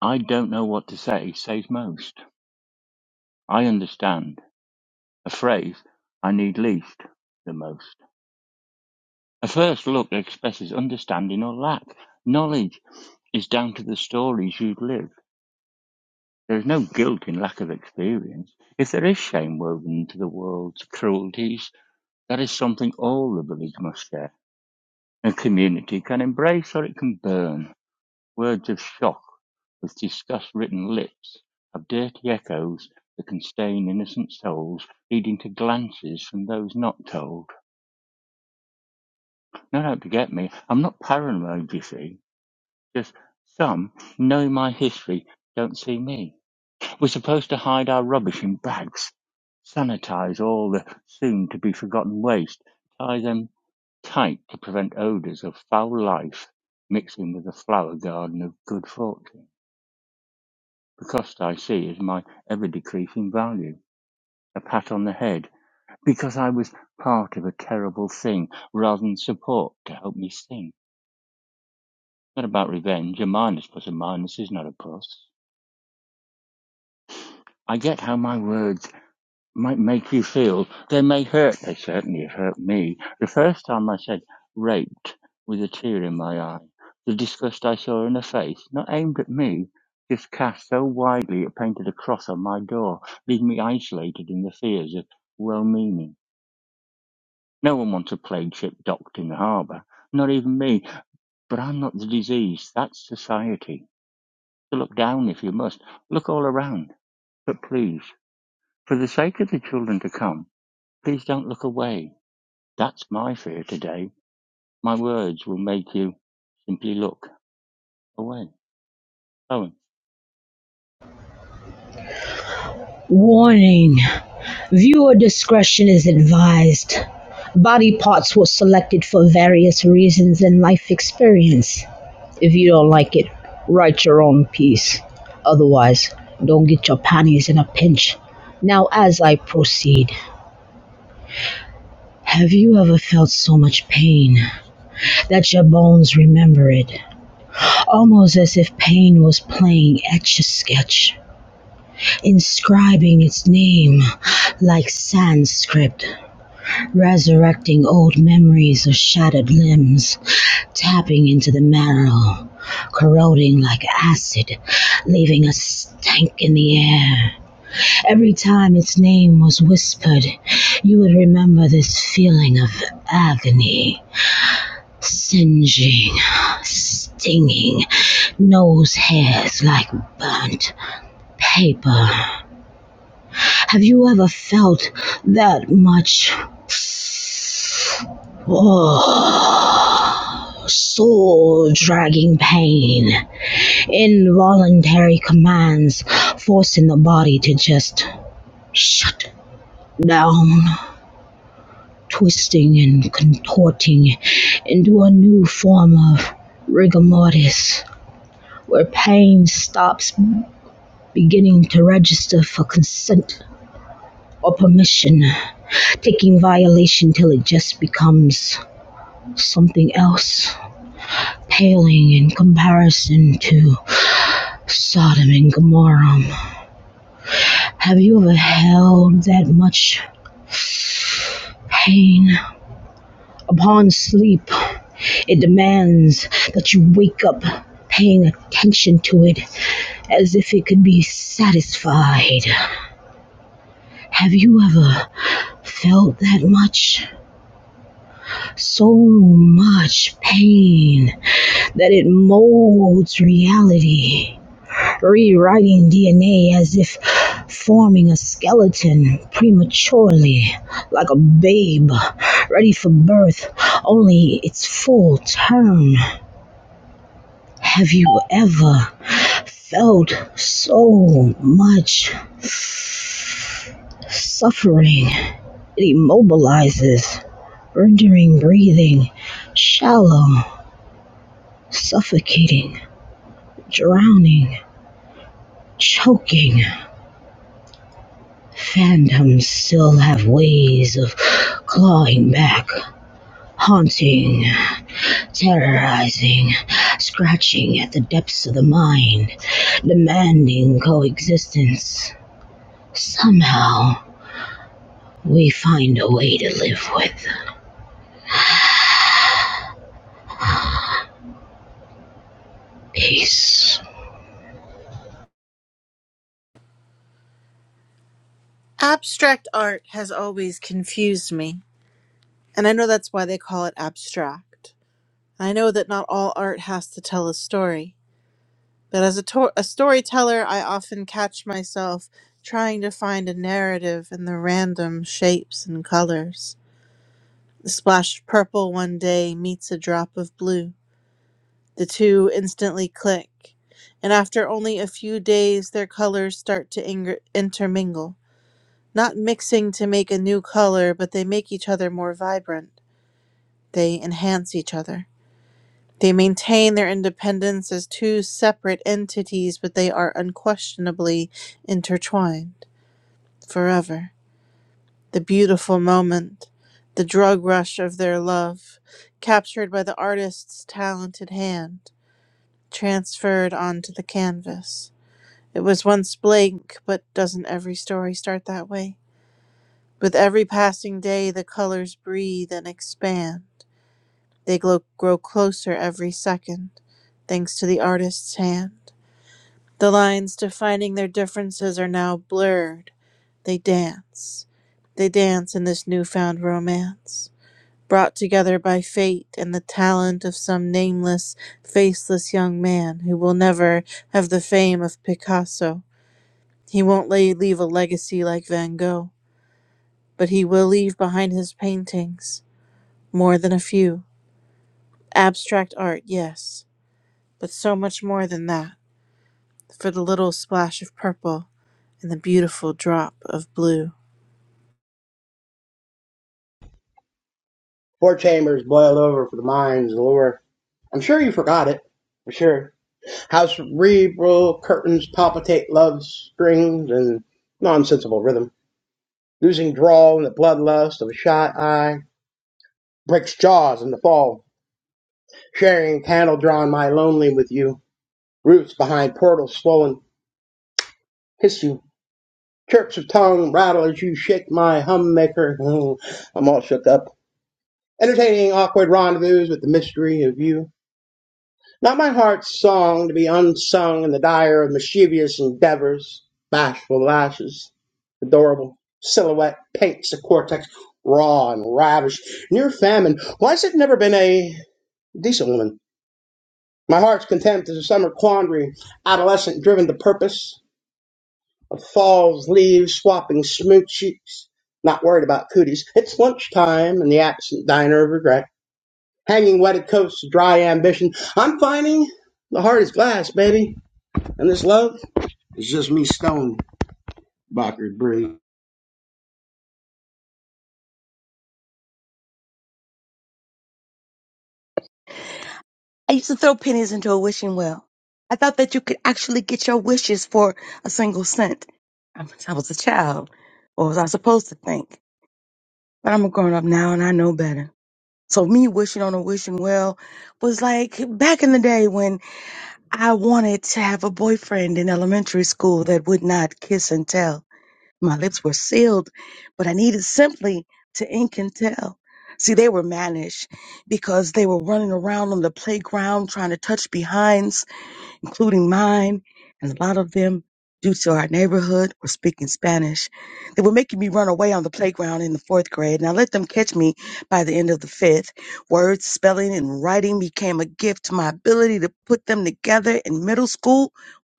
I don't know what to say says most. I understand. A phrase I need least the most. A first look expresses understanding or lack. Knowledge is down to the stories you've lived. There is no guilt in lack of experience. If there is shame woven into the world's cruelties, that is something all the village must share. A community can embrace or it can burn. Words of shock with disgust written lips have dirty echoes that can stain innocent souls, leading to glances from those not told. Not out to get me. I'm not paranoid, you see. Just some, know my history, don't see me. We're supposed to hide our rubbish in bags, sanitize all the soon to be forgotten waste, tie them tight to prevent odors of foul life mixing with the flower garden of good fortune. The cost I see is my ever decreasing value, a pat on the head, because I was part of a terrible thing rather than support to help me sing. Not about revenge, a minus plus a minus is not a plus. I get how my words might make you feel. They may hurt. They certainly have hurt me. The first time I said raped with a tear in my eye, the disgust I saw in her face, not aimed at me, just cast so widely it painted a cross on my door, leaving me isolated in the fears of well-meaning. No one wants a plague ship docked in the harbour, not even me. But I'm not the disease. That's society. So look down if you must. Look all around. But please, for the sake of the children to come, please don't look away That's my fear today. My words will make you simply look away. Owen.
Warning Viewer discretion is advised. Body parts were selected for various reasons and life experience. If you don't like it, write your own piece. Otherwise, don't get your panties in a pinch. Now, as I proceed, have you ever felt so much pain that your bones remember it? Almost as if pain was playing etch a sketch. inscribing its name like Sanskrit, resurrecting old memories of shattered limbs, tapping into the marrow, corroding like acid, leaving a stank in the air. Every time its name was whispered, you would remember this feeling of agony. Singeing, stinging, nose hairs like burnt paper Have you ever felt that much oh, soul dragging pain? Involuntary commands forcing the body to just shut down, twisting and contorting into a new form of rigor mortis, where pain stops beginning to register for consent or permission taking violation till it just becomes something else, paling in comparison to Sodom and Gomorrah. Have you ever held that much pain upon sleep? It demands that you wake up paying attention to it as if it could be satisfied. Have you ever felt that much? so much pain that it molds reality, rewriting DNA as if forming a skeleton prematurely, like a babe ready for birth, only its full term. Have you ever felt so much suffering? It immobilizes, rendering breathing shallow Suffocating, drowning, choking. Phantoms still have ways of clawing back, haunting, terrorizing, scratching at the depths of the mind, demanding coexistence. Somehow, we find a way to live with peace.
Abstract art has always confused me, and I know that's why they call it abstract. I know that not all art has to tell a story, but as a, to- a storyteller, I often catch myself trying to find a narrative in the random shapes and colors. The splash of purple one day meets a drop of blue The two instantly click, and after only a few days, their colors start to ing- intermingle. Not mixing to make a new color, but they make each other more vibrant. They enhance each other. They maintain their independence as two separate entities, but they are unquestionably intertwined forever. The beautiful moment, the drug rush of their love, captured by the artist's talented hand, transferred onto the canvas. It was once blank, but doesn't every story start that way? With every passing day, the colors breathe and expand. They glow, grow closer every second, thanks to the artist's hand. The lines defining their differences are now blurred. They dance. They dance in this newfound romance, brought together by fate and the talent of some nameless, faceless young man who will never have the fame of Picasso he won't lay, leave a legacy like Van Gogh, but he will leave behind his paintings more than a few. Abstract art, yes, but so much more than that for the little splash of purple and the beautiful drop of blue.
Four chambers boiled over for the mind's allure. I'm sure you forgot it. For sure. How cerebral curtains palpitate love's strings and nonsensible rhythm. Losing drawl in the bloodlust of a shot eye. Breaks jaws in the fall. Sharing candle drawn my lonely with you. Roots behind portals swollen. Hiss you chirps of tongue rattle as you shake my hummaker. Oh, I'm all shook up. Entertaining awkward rendezvous with the mystery of you. Not my heart's song to be unsung in the dire of mischievous endeavors. Bashful lashes, adorable silhouette paints the cortex raw and ravished. Near famine, Why's it never been a decent woman? My heart's contempt is a summer quandary, adolescent driven to purpose, Falls leaves, swapping smooth cheeks, not worried about cooties. It's lunchtime and the absent diner of regret. Hanging wetted coats to dry ambition. I'm finding the heart is glass, baby. And this love is just me stone, Bockard Bree.
I used to throw pennies into a wishing well. I thought that you could actually get your wishes for a single cent. I was I was a child. What was I supposed to think? But I'm a grown up now and I know better. So me wishing on a wishing well was like back in the day when I wanted to have a boyfriend in elementary school that would not kiss and tell. My lips were sealed, but I needed simply to ink and tell. See, they were mannish because they were running around on the playground trying to touch behinds including mine, and a lot of them due to our neighborhood were speaking Spanish. They were making me run away on the playground in the fourth grade, and I let them catch me by the end of the fifth. Words, spelling, and writing became a gift. to My ability to put them together in middle school,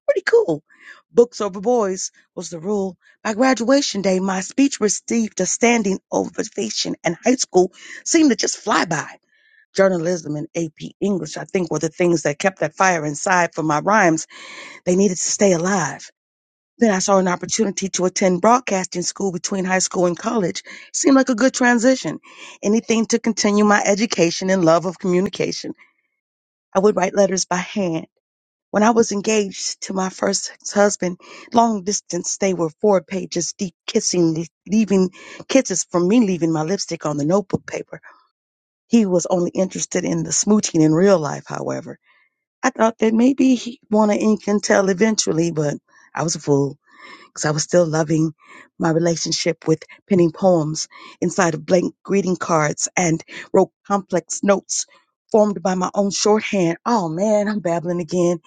pretty cool. Books over boys was the rule. By graduation day, my speech received a standing ovation, and high school seemed to just fly by journalism and AP English, I think, were the things that kept that fire inside for my rhymes they needed to stay alive. Then I saw an opportunity to attend broadcasting school between high school and college. Seemed like a good transition. Anything to continue my education and love of communication. I would write letters by hand. When I was engaged to my first husband, long distance, they were four pages deep, kissing, leaving kisses from me leaving my lipstick on the notebook paper. He was only interested in the smooching in real life, however. I thought that maybe he'd want to ink and tell eventually, but I was a fool because I was still loving my relationship with penning poems inside of blank greeting cards and wrote complex notes formed by my own shorthand. Oh man, I'm babbling again.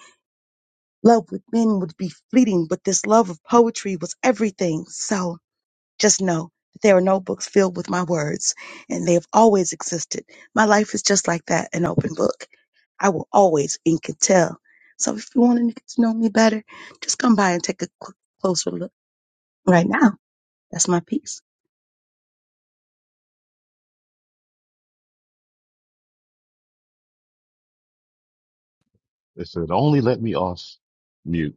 Love with men would be fleeting, but this love of poetry was everything. So just know that there are notebooks filled with my words, and they have always existed. My life is just like that an open book. I will always ink and tell. So if you want to get to know me better, just come by and take a quick, closer look right now. That's my piece.
They said only let me off mute.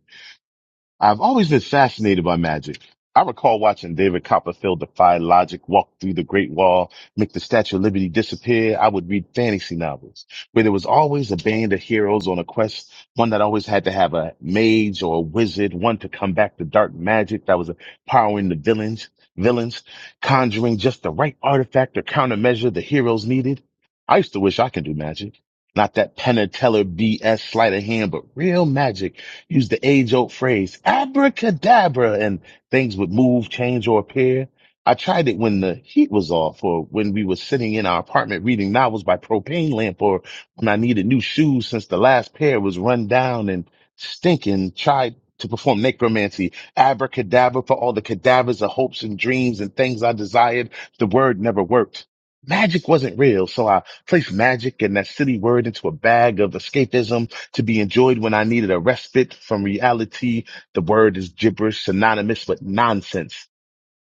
I've always been fascinated by magic. I recall watching David Copperfield defy logic, walk through the Great Wall, make the Statue of Liberty disappear. I would read fantasy novels where there was always a band of heroes on a quest, one that always had to have a mage or a wizard, one to come back to dark magic that was powering the villains, villains, conjuring just the right artifact or countermeasure the heroes needed. I used to wish I could do magic. Not that Penn and Teller BS sleight of hand, but real magic Used the age old phrase, abracadabra, and things would move, change, or appear. I tried it when the heat was off or when we were sitting in our apartment reading novels by propane lamp or when I needed new shoes since the last pair was run down and stinking. Tried to perform necromancy, abracadabra for all the cadavers of hopes and dreams and things I desired. The word never worked. Magic wasn't real, so I placed magic and that silly word into a bag of escapism to be enjoyed when I needed a respite from reality. The word is gibberish, synonymous with nonsense.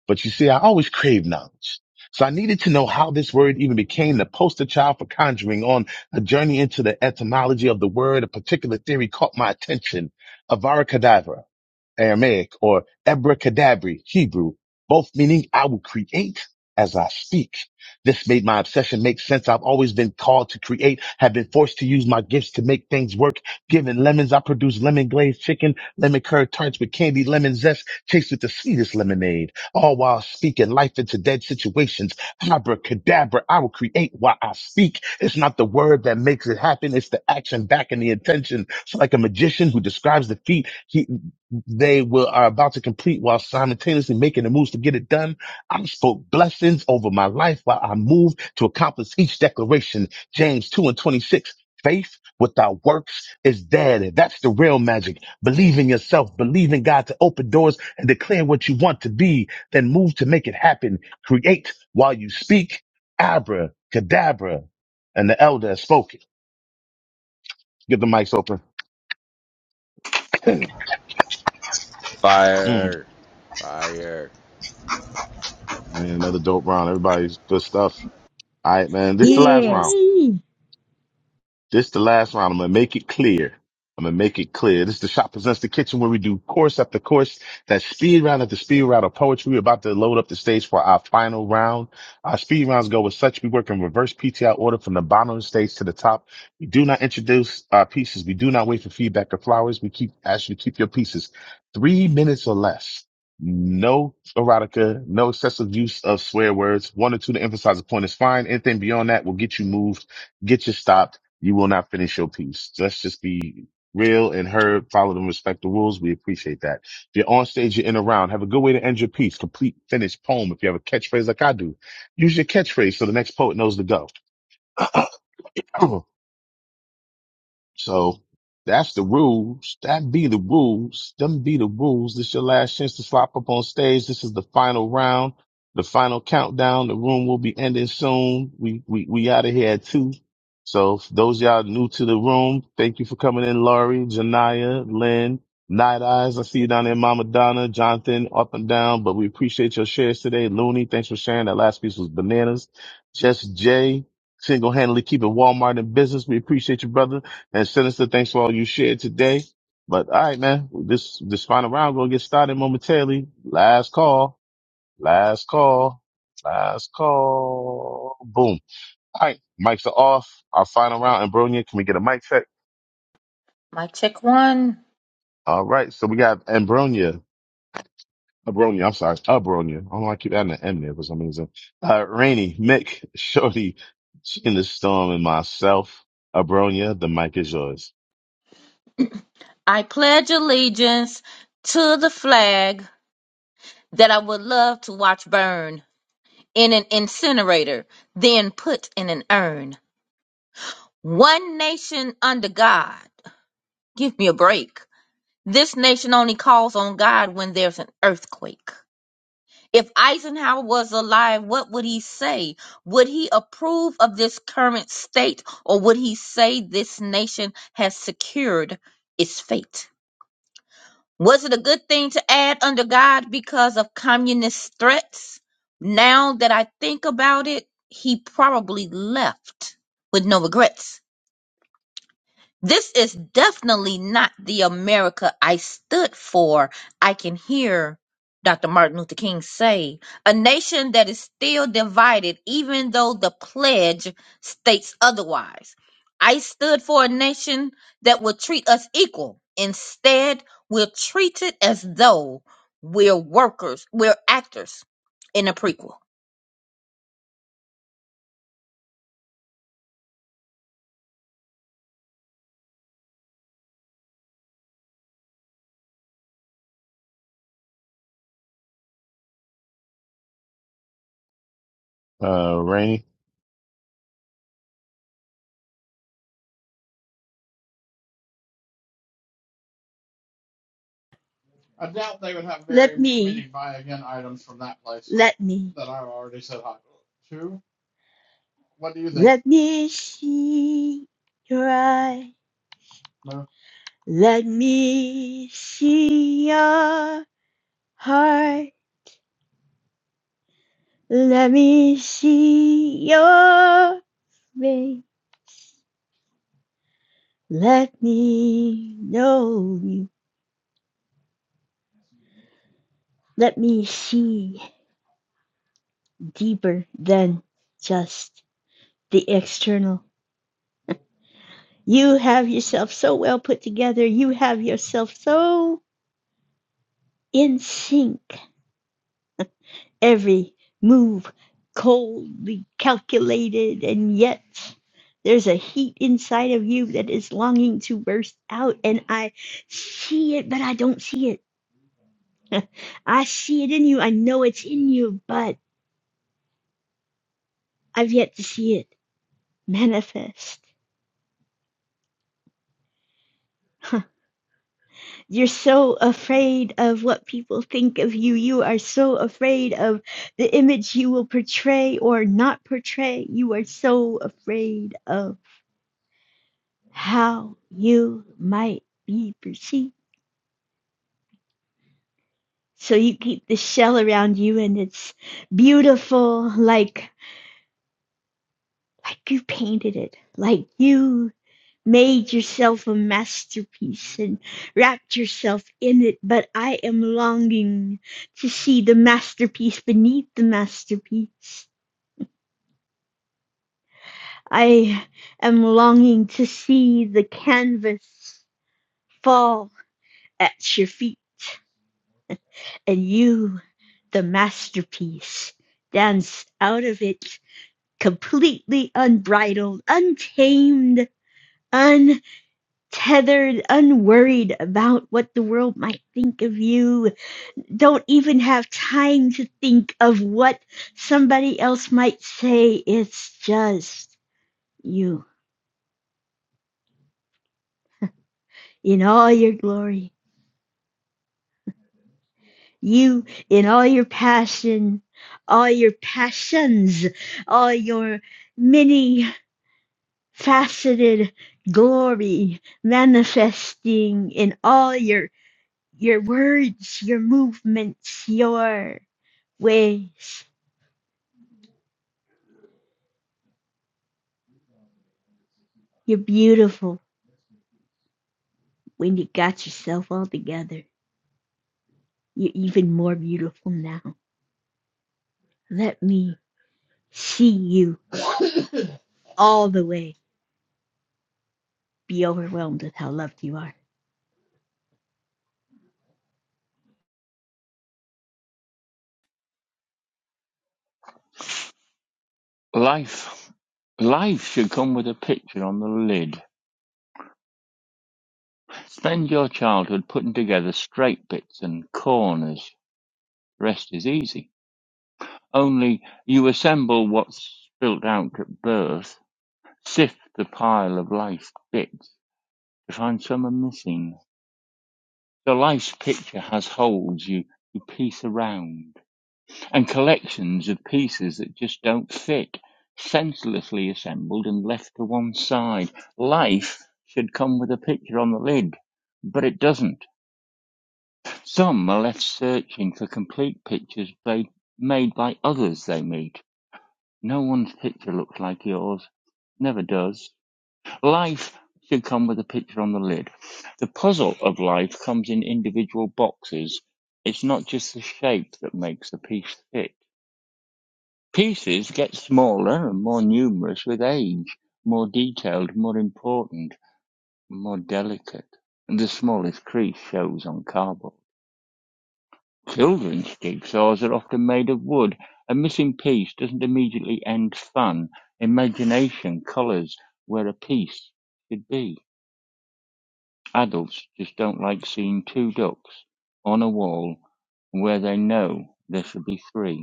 But you see, I always craved knowledge. So I needed to know how this word even became the poster child for conjuring on a journey into the etymology of the word. A particular theory caught my attention. Avara Kedavra, Aramaic, or abracadabra, Hebrew, both meaning I will create as I speak. This made my obsession make sense. I've always been called to create, have been forced to use my gifts to make things work. Given lemons, I produce lemon glazed chicken, lemon curd tarts with candy, lemon zest, chased with the sweetest lemonade, all while speaking life into dead situations. Abracadabra, I will create while I speak. It's not the word that makes it happen. It's the action backing the intention. So like a magician who describes the feat they will, are about to complete while simultaneously making the moves to get it done. I spoke blessings over my life while I moved to accomplish each declaration. James 2 and 26. Faith without works is dead. That's the real magic. Believe in yourself. Believe in God to open doors and declare what you want to be. Then move to make it happen. Create while you speak. Abra, cadabra. And the elder spoke. spoken. Get the mics open. Mm.
Fire! Fire!
Yeah, another dope round. Everybody's good stuff. All right, man. This is the last round.
Yes.
Yay!
This the last round. I'm gonna make it clear. I'm gonna make it clear. This is the shop presents the kitchen where we do course after course, that speed round after speed round of poetry. We're about to load up the stage for our final round. Our speed rounds go with such. We work in reverse PTI order from the bottom of the stage to the top. We do not introduce our pieces. We do not wait for feedback or flowers. We keep ask you to keep your pieces three minutes or less. No erotica, no excessive use of swear words. One or two to emphasize a point is fine. Anything beyond that will get you moved, get you stopped you will not finish your piece. Let's just be real and heard, followed and respect the rules. We appreciate that. If you're on stage, you're in a round. Have a good way to end your piece. Complete, finished poem. If you have a catchphrase like I do, use your catchphrase so the next poet knows to go. So that's the rules. That be the rules. Them be the rules. This your last chance to slop up on stage. This is the final round, the final countdown. The room will be ending soon. We we we out of here at two. So for those y'all new to the room, thank you for coming in, Laurie, Janaya, Lynn, Night Eyes. I see you down there, Mama Donna, Jonathan, up and down. But we appreciate your shares today. Looney, thanks for sharing. That last piece was bananas. Jess J, single handedly keeping Walmart in business. We appreciate you, brother. And Sinister, thanks for all you shared today. But all right, man, this this final round gonna get started momentarily. Last call, last call, last call. Boom. All right, mics are off. Our final round, Ambronia. Can we get a mic check?
My check one.
All right, so we got Ambronia. Abronia, I'm sorry, Abronia. I don't know why I keep adding an M there for some reason. Uh, Rainy, Mick, Shorty, in the storm, and myself. Abronia, the mic is yours.
I pledge allegiance to the flag that I would love to watch burn in an incinerator, then put in an urn. One nation under God. Give me a break. This nation only calls on God when there's an earthquake. If Eisenhower was alive, what would he say? Would he approve of this current state, or would he say this nation has secured its fate? Was it a good thing to add under God because of communist threats? Now that I think about it, he probably left with no regrets. This is definitely not the America I stood for. I can hear Dr. Martin Luther King say a nation that is still divided, even though the pledge states otherwise. I stood for a nation that would treat us equal. Instead, we're treated as though we're workers, we're actors in a prequel.
Uh, Rainy,
Let me, many let me, let me see your eye. Let me see your heart. Let me see your face. Let me know you. Let me see deeper than just the external. You have yourself so well put together. You have yourself so in sync. Every move coldly calculated, and yet there's a heat inside of you that is longing to burst out. And I see it, but I don't see it. I see it in you. I know it's in you, but I've yet to see it. manifest. Huh. You're so afraid of what people think of you. You are so afraid of the image you will portray or not portray. You are so afraid of how you might be perceived. So you keep the shell around you and it's beautiful like like you painted it. Like you made yourself a masterpiece and wrapped yourself in it, but I am longing to see the masterpiece beneath the masterpiece. I am longing to see the canvas fall at your feet and you, the masterpiece, dance out of it completely unbridled, untamed, untethered, unworried about what the world might think of you don't even have time to think of what somebody else might say. It's just you in all your glory, you in all your passion, all your passions, all your many faceted glory manifesting in all your your words, your movements, your ways. You're beautiful when you got yourself all together. You're even more beautiful now. Let me see you all the way. Be overwhelmed with how loved you are.
Life. Life should come with a picture on the lid. Spend your childhood putting together straight bits and corners. The rest is easy. Only you assemble what's spilt out at birth, sift the pile of life's bits to find some are missing. So life's picture has holes you, you piece around. and collections of pieces that just don't fit, senselessly assembled and left to one side. Life should come with a picture on the lid, but it doesn't. Some are left searching for complete pictures ba- made by others they meet. No one's picture looks like yours, never does. Life should come with a picture on the lid. The puzzle of life comes in individual boxes. It's not just the shape that makes the piece fit Pieces get smaller and more numerous with age, more detailed, more important, more delicate. and The smallest crease shows on cardboard. Children's jigsaws are often made of wood. A missing piece doesn't immediately end fun, imagination colours where a piece should be. Adults just don't like seeing two ducks on a wall where they know there should be three.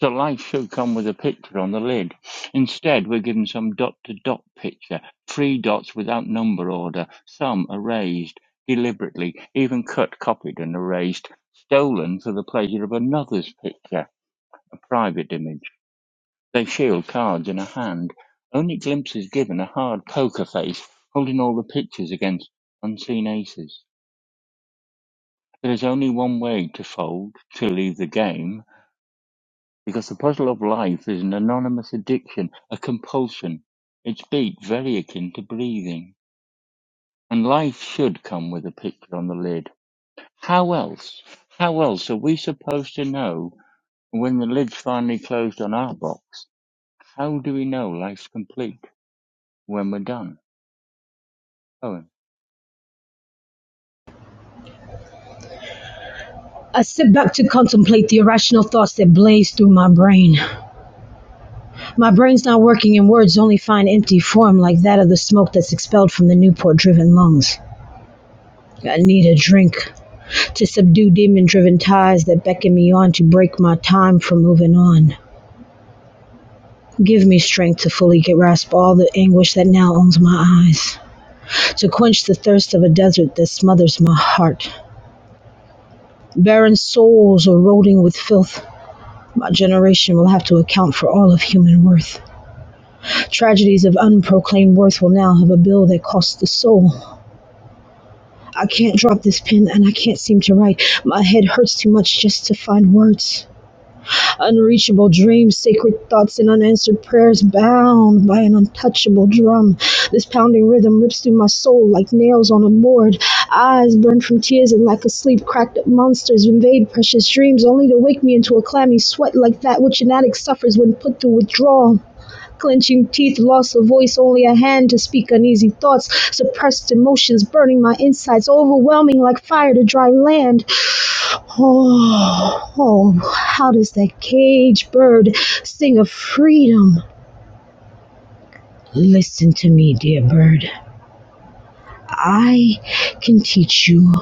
The light should come with a picture on the lid. Instead, we're given some dot-to-dot picture, three dots without number order, some erased, deliberately, even cut, copied and erased, stolen for the pleasure of another's picture, a private image. They shield cards in a hand. Only glimpses given a hard poker face, holding all the pictures against unseen aces. There is only one way to fold, to leave the game, Because the puzzle of life is an anonymous addiction, a compulsion, its beat very akin to breathing. And life should come with a picture on the lid. How else? How else are we supposed to know when the lid's finally closed on our box? How do we know life's complete when we're done? Owen.
I sit back to contemplate the irrational thoughts that blaze through my brain. My brain's not working and words only find empty form like that of the smoke that's expelled from the Newport driven lungs. I need a drink to subdue demon driven ties that beckon me on to break my time from moving on. Give me strength to fully grasp all the anguish that now owns my eyes, to quench the thirst of a desert that smothers my heart. Barren souls eroding with filth, my generation will have to account for all of human worth. Tragedies of unproclaimed worth will now have a bill that costs the soul. I can't drop this pen and I can't seem to write. My head hurts too much just to find words. Unreachable dreams, sacred thoughts, and unanswered prayers bound by an untouchable drum. This pounding rhythm rips through my soul like nails on a board. Eyes burn from tears and like a sleep cracked up monsters invade precious dreams only to wake me into a clammy sweat like that which an addict suffers when put through withdrawal. Clenching teeth, loss of voice, only a hand to speak uneasy thoughts, suppressed emotions burning my insides, overwhelming like fire to dry land. Oh, oh, how does that cage bird sing of freedom? Listen to me, dear bird. I can teach you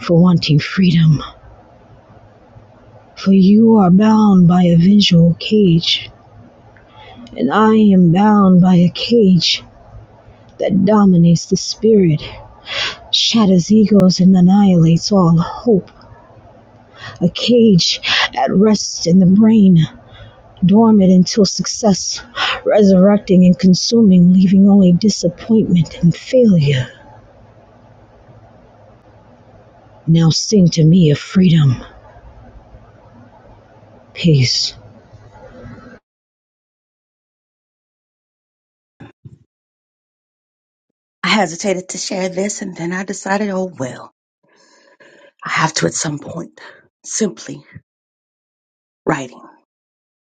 for wanting freedom, for you are bound by a visual cage, and I am bound by a cage that dominates the spirit. shatters egos and annihilates all hope. A cage at rest in the brain, dormant until success, resurrecting and consuming, leaving only disappointment and failure. Now sing to me of freedom, peace.
I hesitated to share this and then I decided, oh well, I have to at some point. Simply writing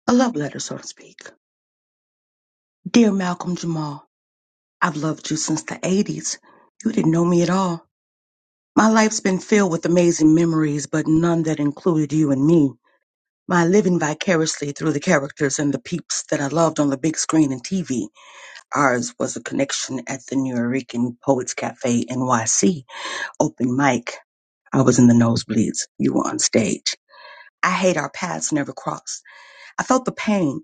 a love letter, so to speak. Dear Malcolm Jamal, I've loved you since the 80s. You didn't know me at all. My life's been filled with amazing memories, but none that included you and me. My living vicariously through the characters and the peeps that I loved on the big screen and TV. Ours was a connection at the New Yorkian Poets Cafe NYC open mic I was in the nosebleeds. You were on stage. I hate our paths never crossed. I felt the pain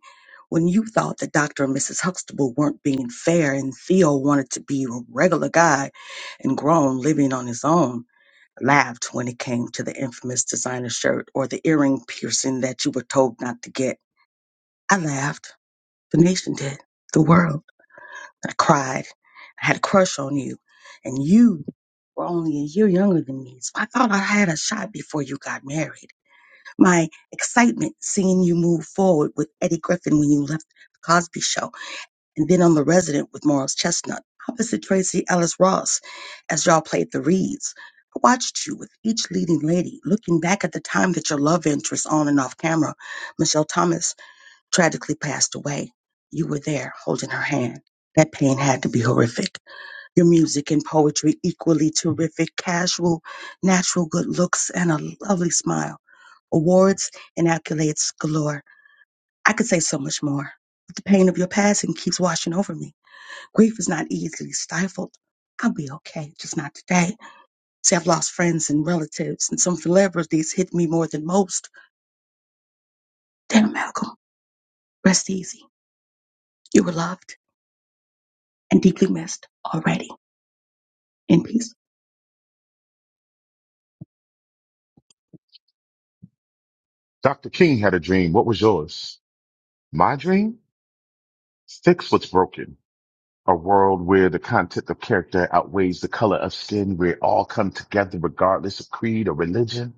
when you thought that Dr. and Mrs. Huxtable weren't being fair and Theo wanted to be a regular guy and grown living on his own. I Laughed when it came to the infamous designer shirt or the earring piercing that you were told not to get. I laughed. The nation did. The world. I cried. I had a crush on you. And you were only a year younger than me, so I thought I had a shot before you got married. my excitement seeing you move forward with Eddie Griffin when you left the Cosby Show, and then on The Resident with Morris Chestnut, opposite Tracy Ellis Ross as y'all played the reeds. I watched you with each leading lady, looking back at the time that your love interest on and off camera, Michelle Thomas, tragically passed away. You were there holding her hand. That pain had to be horrific. Your music and poetry equally terrific, casual, natural good looks, and a lovely smile awards and accolades galore. I could say so much more. But the pain of your passing keeps washing over me. Grief is not easily stifled. I'll be okay, just not today. See, I've lost friends and relatives, and some celebrities hit me more than most. Damn, Malcolm, rest easy. You were loved and deeply missed already. In peace.
Dr. King had a dream. What was yours? My dream? Six was broken a world where the content of character outweighs the color of skin, where all come together regardless of creed or religion.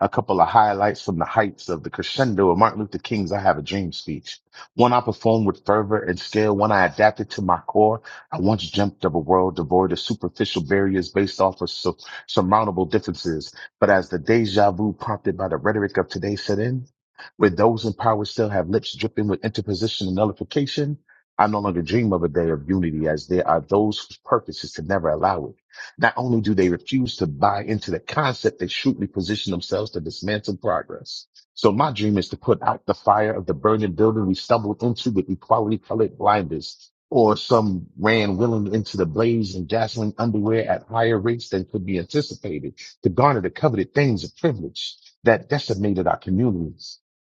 A couple of highlights from the heights of the crescendo of Martin Luther King's I Have a Dream speech. One I performed with fervor and skill, one I adapted to my core. I once dreamt of a world devoid of superficial barriers based off of sur- surmountable differences. But as the deja vu prompted by the rhetoric of today set in, where those in power still have lips dripping with interposition and nullification, I no longer dream of a day of unity as there are those whose purpose is to never allow it. Not only do they refuse to buy into the concept, they shrewdly position themselves to dismantle progress. So my dream is to put out the fire of the burning building we stumbled into with equality colored blinders, or some ran willing into the blaze in dazzling underwear at higher rates than could be anticipated to garner the coveted things of privilege that decimated our communities.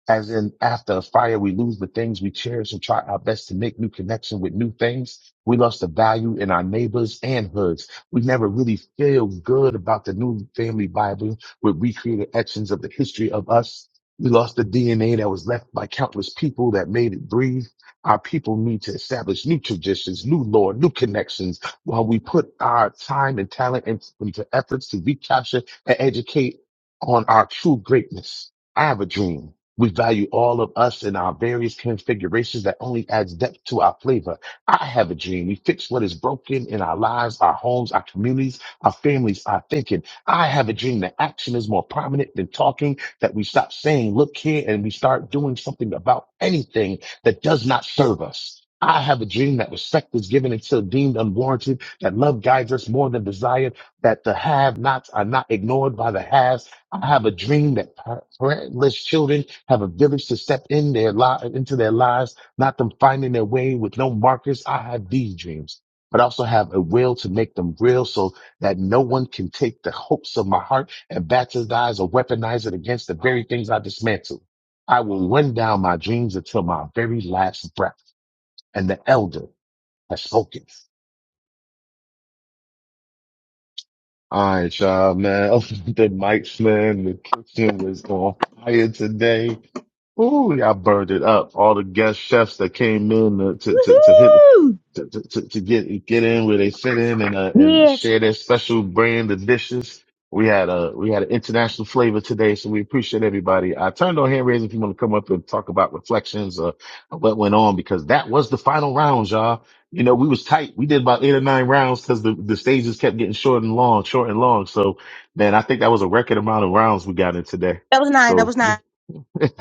As in, after a fire, we lose the things we cherish and try our best to make new connection with new things. We lost the value in our neighbors and hoods. We never really feel good about the new family Bible with recreated etchings of the history of us. We lost the DNA that was left by countless people that made it breathe. Our people need to establish new traditions, new lore, new connections while we put our time and talent in- into efforts to recapture and educate on our true greatness. I have a dream. We value all of us in our various configurations that only adds depth to our flavor. I have a dream. We fix what is broken in our lives, our homes, our communities, our families, our thinking. I have a dream that action is more prominent than talking, that we stop saying, look here, and we start doing something about anything that does not serve us. I have a dream that respect is given until deemed unwarranted, that love guides us more than desire, that the have nots are not ignored by the haves, I have a dream that par- parentless children have a village to step in their li- into their lives, not them finding their way with no markers. I have these dreams, but I also have a will to make them real so that no one can take the hopes of my heart and bastardize or weaponize it against the very things I dismantle. I will run down my dreams until my very last breath. And the elder has spoken. All right, y'all, man. The mic man, the kitchen was on fire today. Ooh, y'all burned it up. All the guest chefs that came in to to to hit
Woohoo!
to to, to get get in where they fit in and uh, and share their special brand of dishes. We had a we had an international flavor today, so we appreciate everybody. I turned on hand raising if you want to come up and talk about reflections or what went on because that was the final round, y'all. You know, we was tight. We did about eight or nine rounds because the, the stages kept getting short and long, short and long. So, man, I think that was a record amount of rounds we got in today.
That was nine. That
So,
was
yeah.
nine.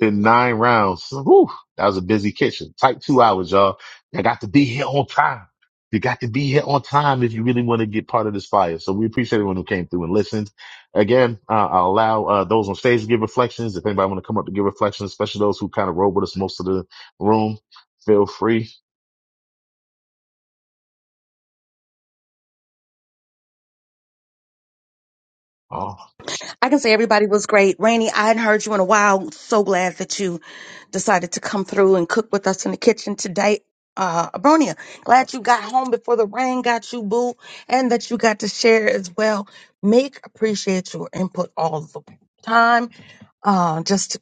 in nine rounds. Whew, that was a busy kitchen. Tight two hours, y'all. I got to be here on time. You got to be here on time if you really want to get part of this fire. So we appreciate everyone who came through and listened. Again, uh, I'll allow uh, those on stage to give reflections. If anybody want to come up to give reflections, especially those who kind of rode with us most of the room, feel free. Uh,
I can say everybody was great. Rainey, I hadn't heard you in a while. So glad that you decided to come through and cook with us in the kitchen today. Uh, Abronia, glad you got home before the rain got you, boo, and that you got to share as well. Make appreciate your input all the time uh, just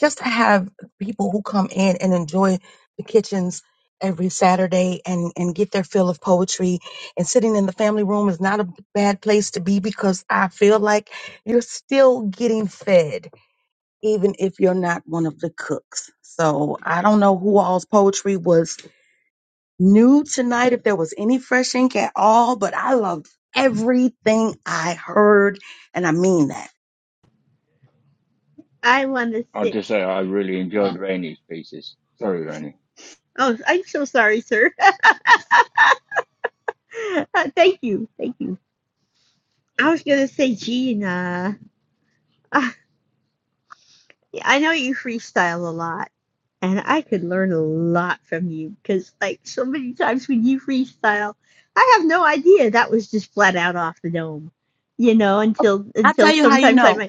just to have people who come in and enjoy the kitchens every Saturday and and get their fill of poetry. And sitting in the family room is not a bad place to be because I feel like you're still getting fed, even if you're not one of the cooks. So I don't know who all's poetry was new tonight, if there was any fresh ink at all, but I loved everything I heard, and I mean that.
I want to
I'll
sit.
just say I really enjoyed Rainey's pieces. Sorry, Rainey.
Oh, I'm so sorry, sir. Uh, thank you. Thank you. I was going to say, Gina, uh, yeah, I know you freestyle a lot, and I could learn a lot from you because, like, so many times when you freestyle, I have no idea that was just flat out off the dome, you know, until
I'll
until
tell you how you
sometimes I
know.
might.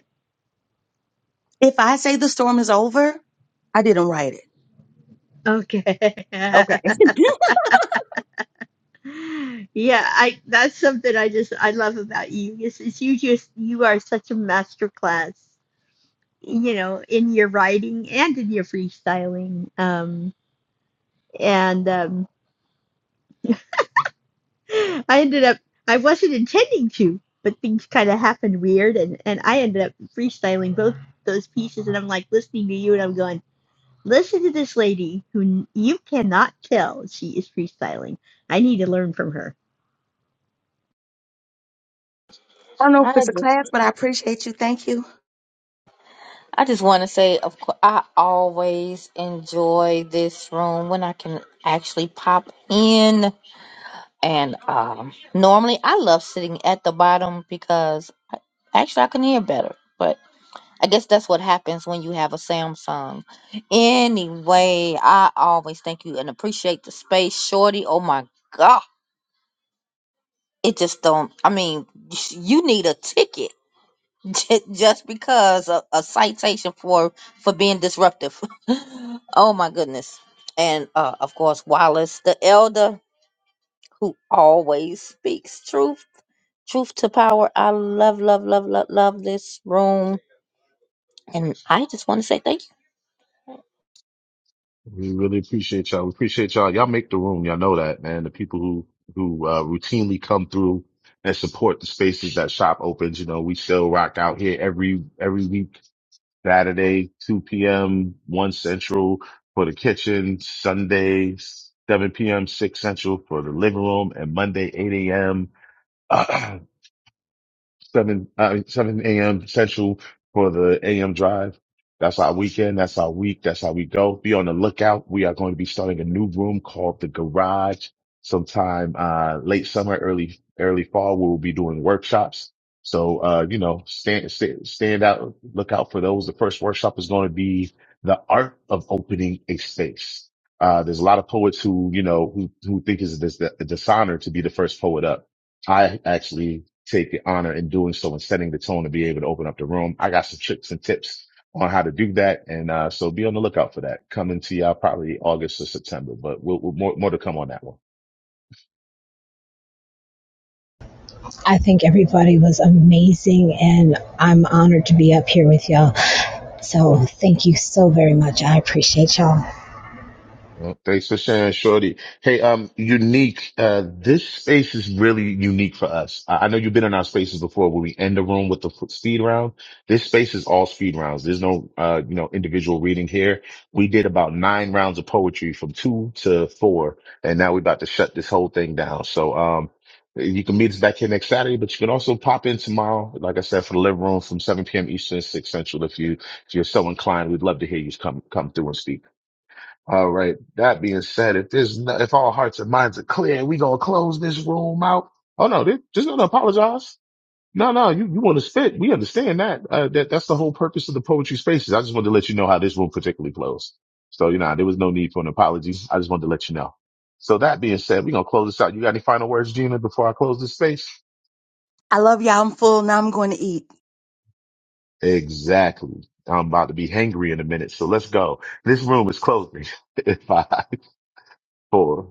If I say the storm is over, I didn't write it.
Okay.
Okay. I
yeah, I that's something I just I love about you. Is is you just you are such a master class, you know, in your writing and in your freestyling. Um and um I ended up I wasn't intending to, but things kind of happened weird and and I ended up freestyling both those pieces and I'm like listening to you and I'm going, "Listen to this lady who n- you cannot tell she is freestyling. I need to learn from her."
don't know if it's a class, but I appreciate you. Thank you.
I just want to say, of course, I always enjoy this room when I can actually pop in. And um, normally I love sitting at the bottom because I- actually I can hear better. But I guess that's what happens when you have a Samsung. Anyway, I always thank you and appreciate the space, Shorty. Oh my God. It just don't, I mean, you need a ticket Ju- just because a, a citation for for being disruptive. oh my goodness! And uh, of course, Wallace the Elder, who always speaks truth, truth to power. I love, love, love, love, love this room, and I just want to say thank you. Oh.
We really appreciate y'all. We appreciate y'all. Y'all make the room. Y'all know that, man. The people who, who, uh, routinely come through and support the spaces that shop opens. You know, we still rock out here every, every week, Saturday, 2 p.m., 1 central for the kitchen, Sunday, 7 p.m., 6 central for the living room, and Monday, 8 a.m. seven uh, seven a.m. Central for the a.m. drive. That's our weekend. That's our week. That's how we go. Be on the lookout. We are going to be starting a new room called the Garage sometime uh, late summer, early early fall. We will be doing workshops. So uh, you know, stand, stand stand out, look out for those. The first workshop is going to be the art of opening a space. Uh, there's a lot of poets who, you know, who, who think it's a dis- a dishonor to be the first poet up I actually take the honor in doing so and setting the tone to be able to open up the room. I got some tricks and tips on how to do that. And, uh, so be on the lookout for that coming to y'all probably August or September, but we'll, we'll more, more to come on that one.
I think everybody was amazing, and I'm honored to be up here with y'all. So, thank you so very much. I appreciate y'all.
Well, thanks for sharing, Shorty. Hey, um, unique. Uh, this space is really unique for us. I, I know you've been in our spaces before where we end the room with the f- speed round. This space is all speed rounds. There's no, uh, you know, individual reading here. We did about nine rounds of poetry from two to four, and now we're about to shut this whole thing down. So, um, you can meet us back here next Saturday, but you can also pop in tomorrow. Like I said, for the living room from 7 p.m. Eastern, 6 Central. If you, if you're so inclined, we'd love to hear you come, come through and speak. All right. That being said, if there's no, if all hearts and minds are clear, we gonna close this room out. Oh no, they just gonna apologize. No, no, you, you want to spit. We understand that. Uh, that that's the whole purpose of the poetry spaces. I just wanted to let you know how this room particularly closed. So you know, there was no need for an apology. I just wanted to let you know. So that being said, we gonna close this out. You got any final words, Gina, before I close this space?
I love y'all. I'm full. Now I'm going to eat.
Exactly. I'm about to be hangry in a minute, so let's go. This room is closing. Five, four.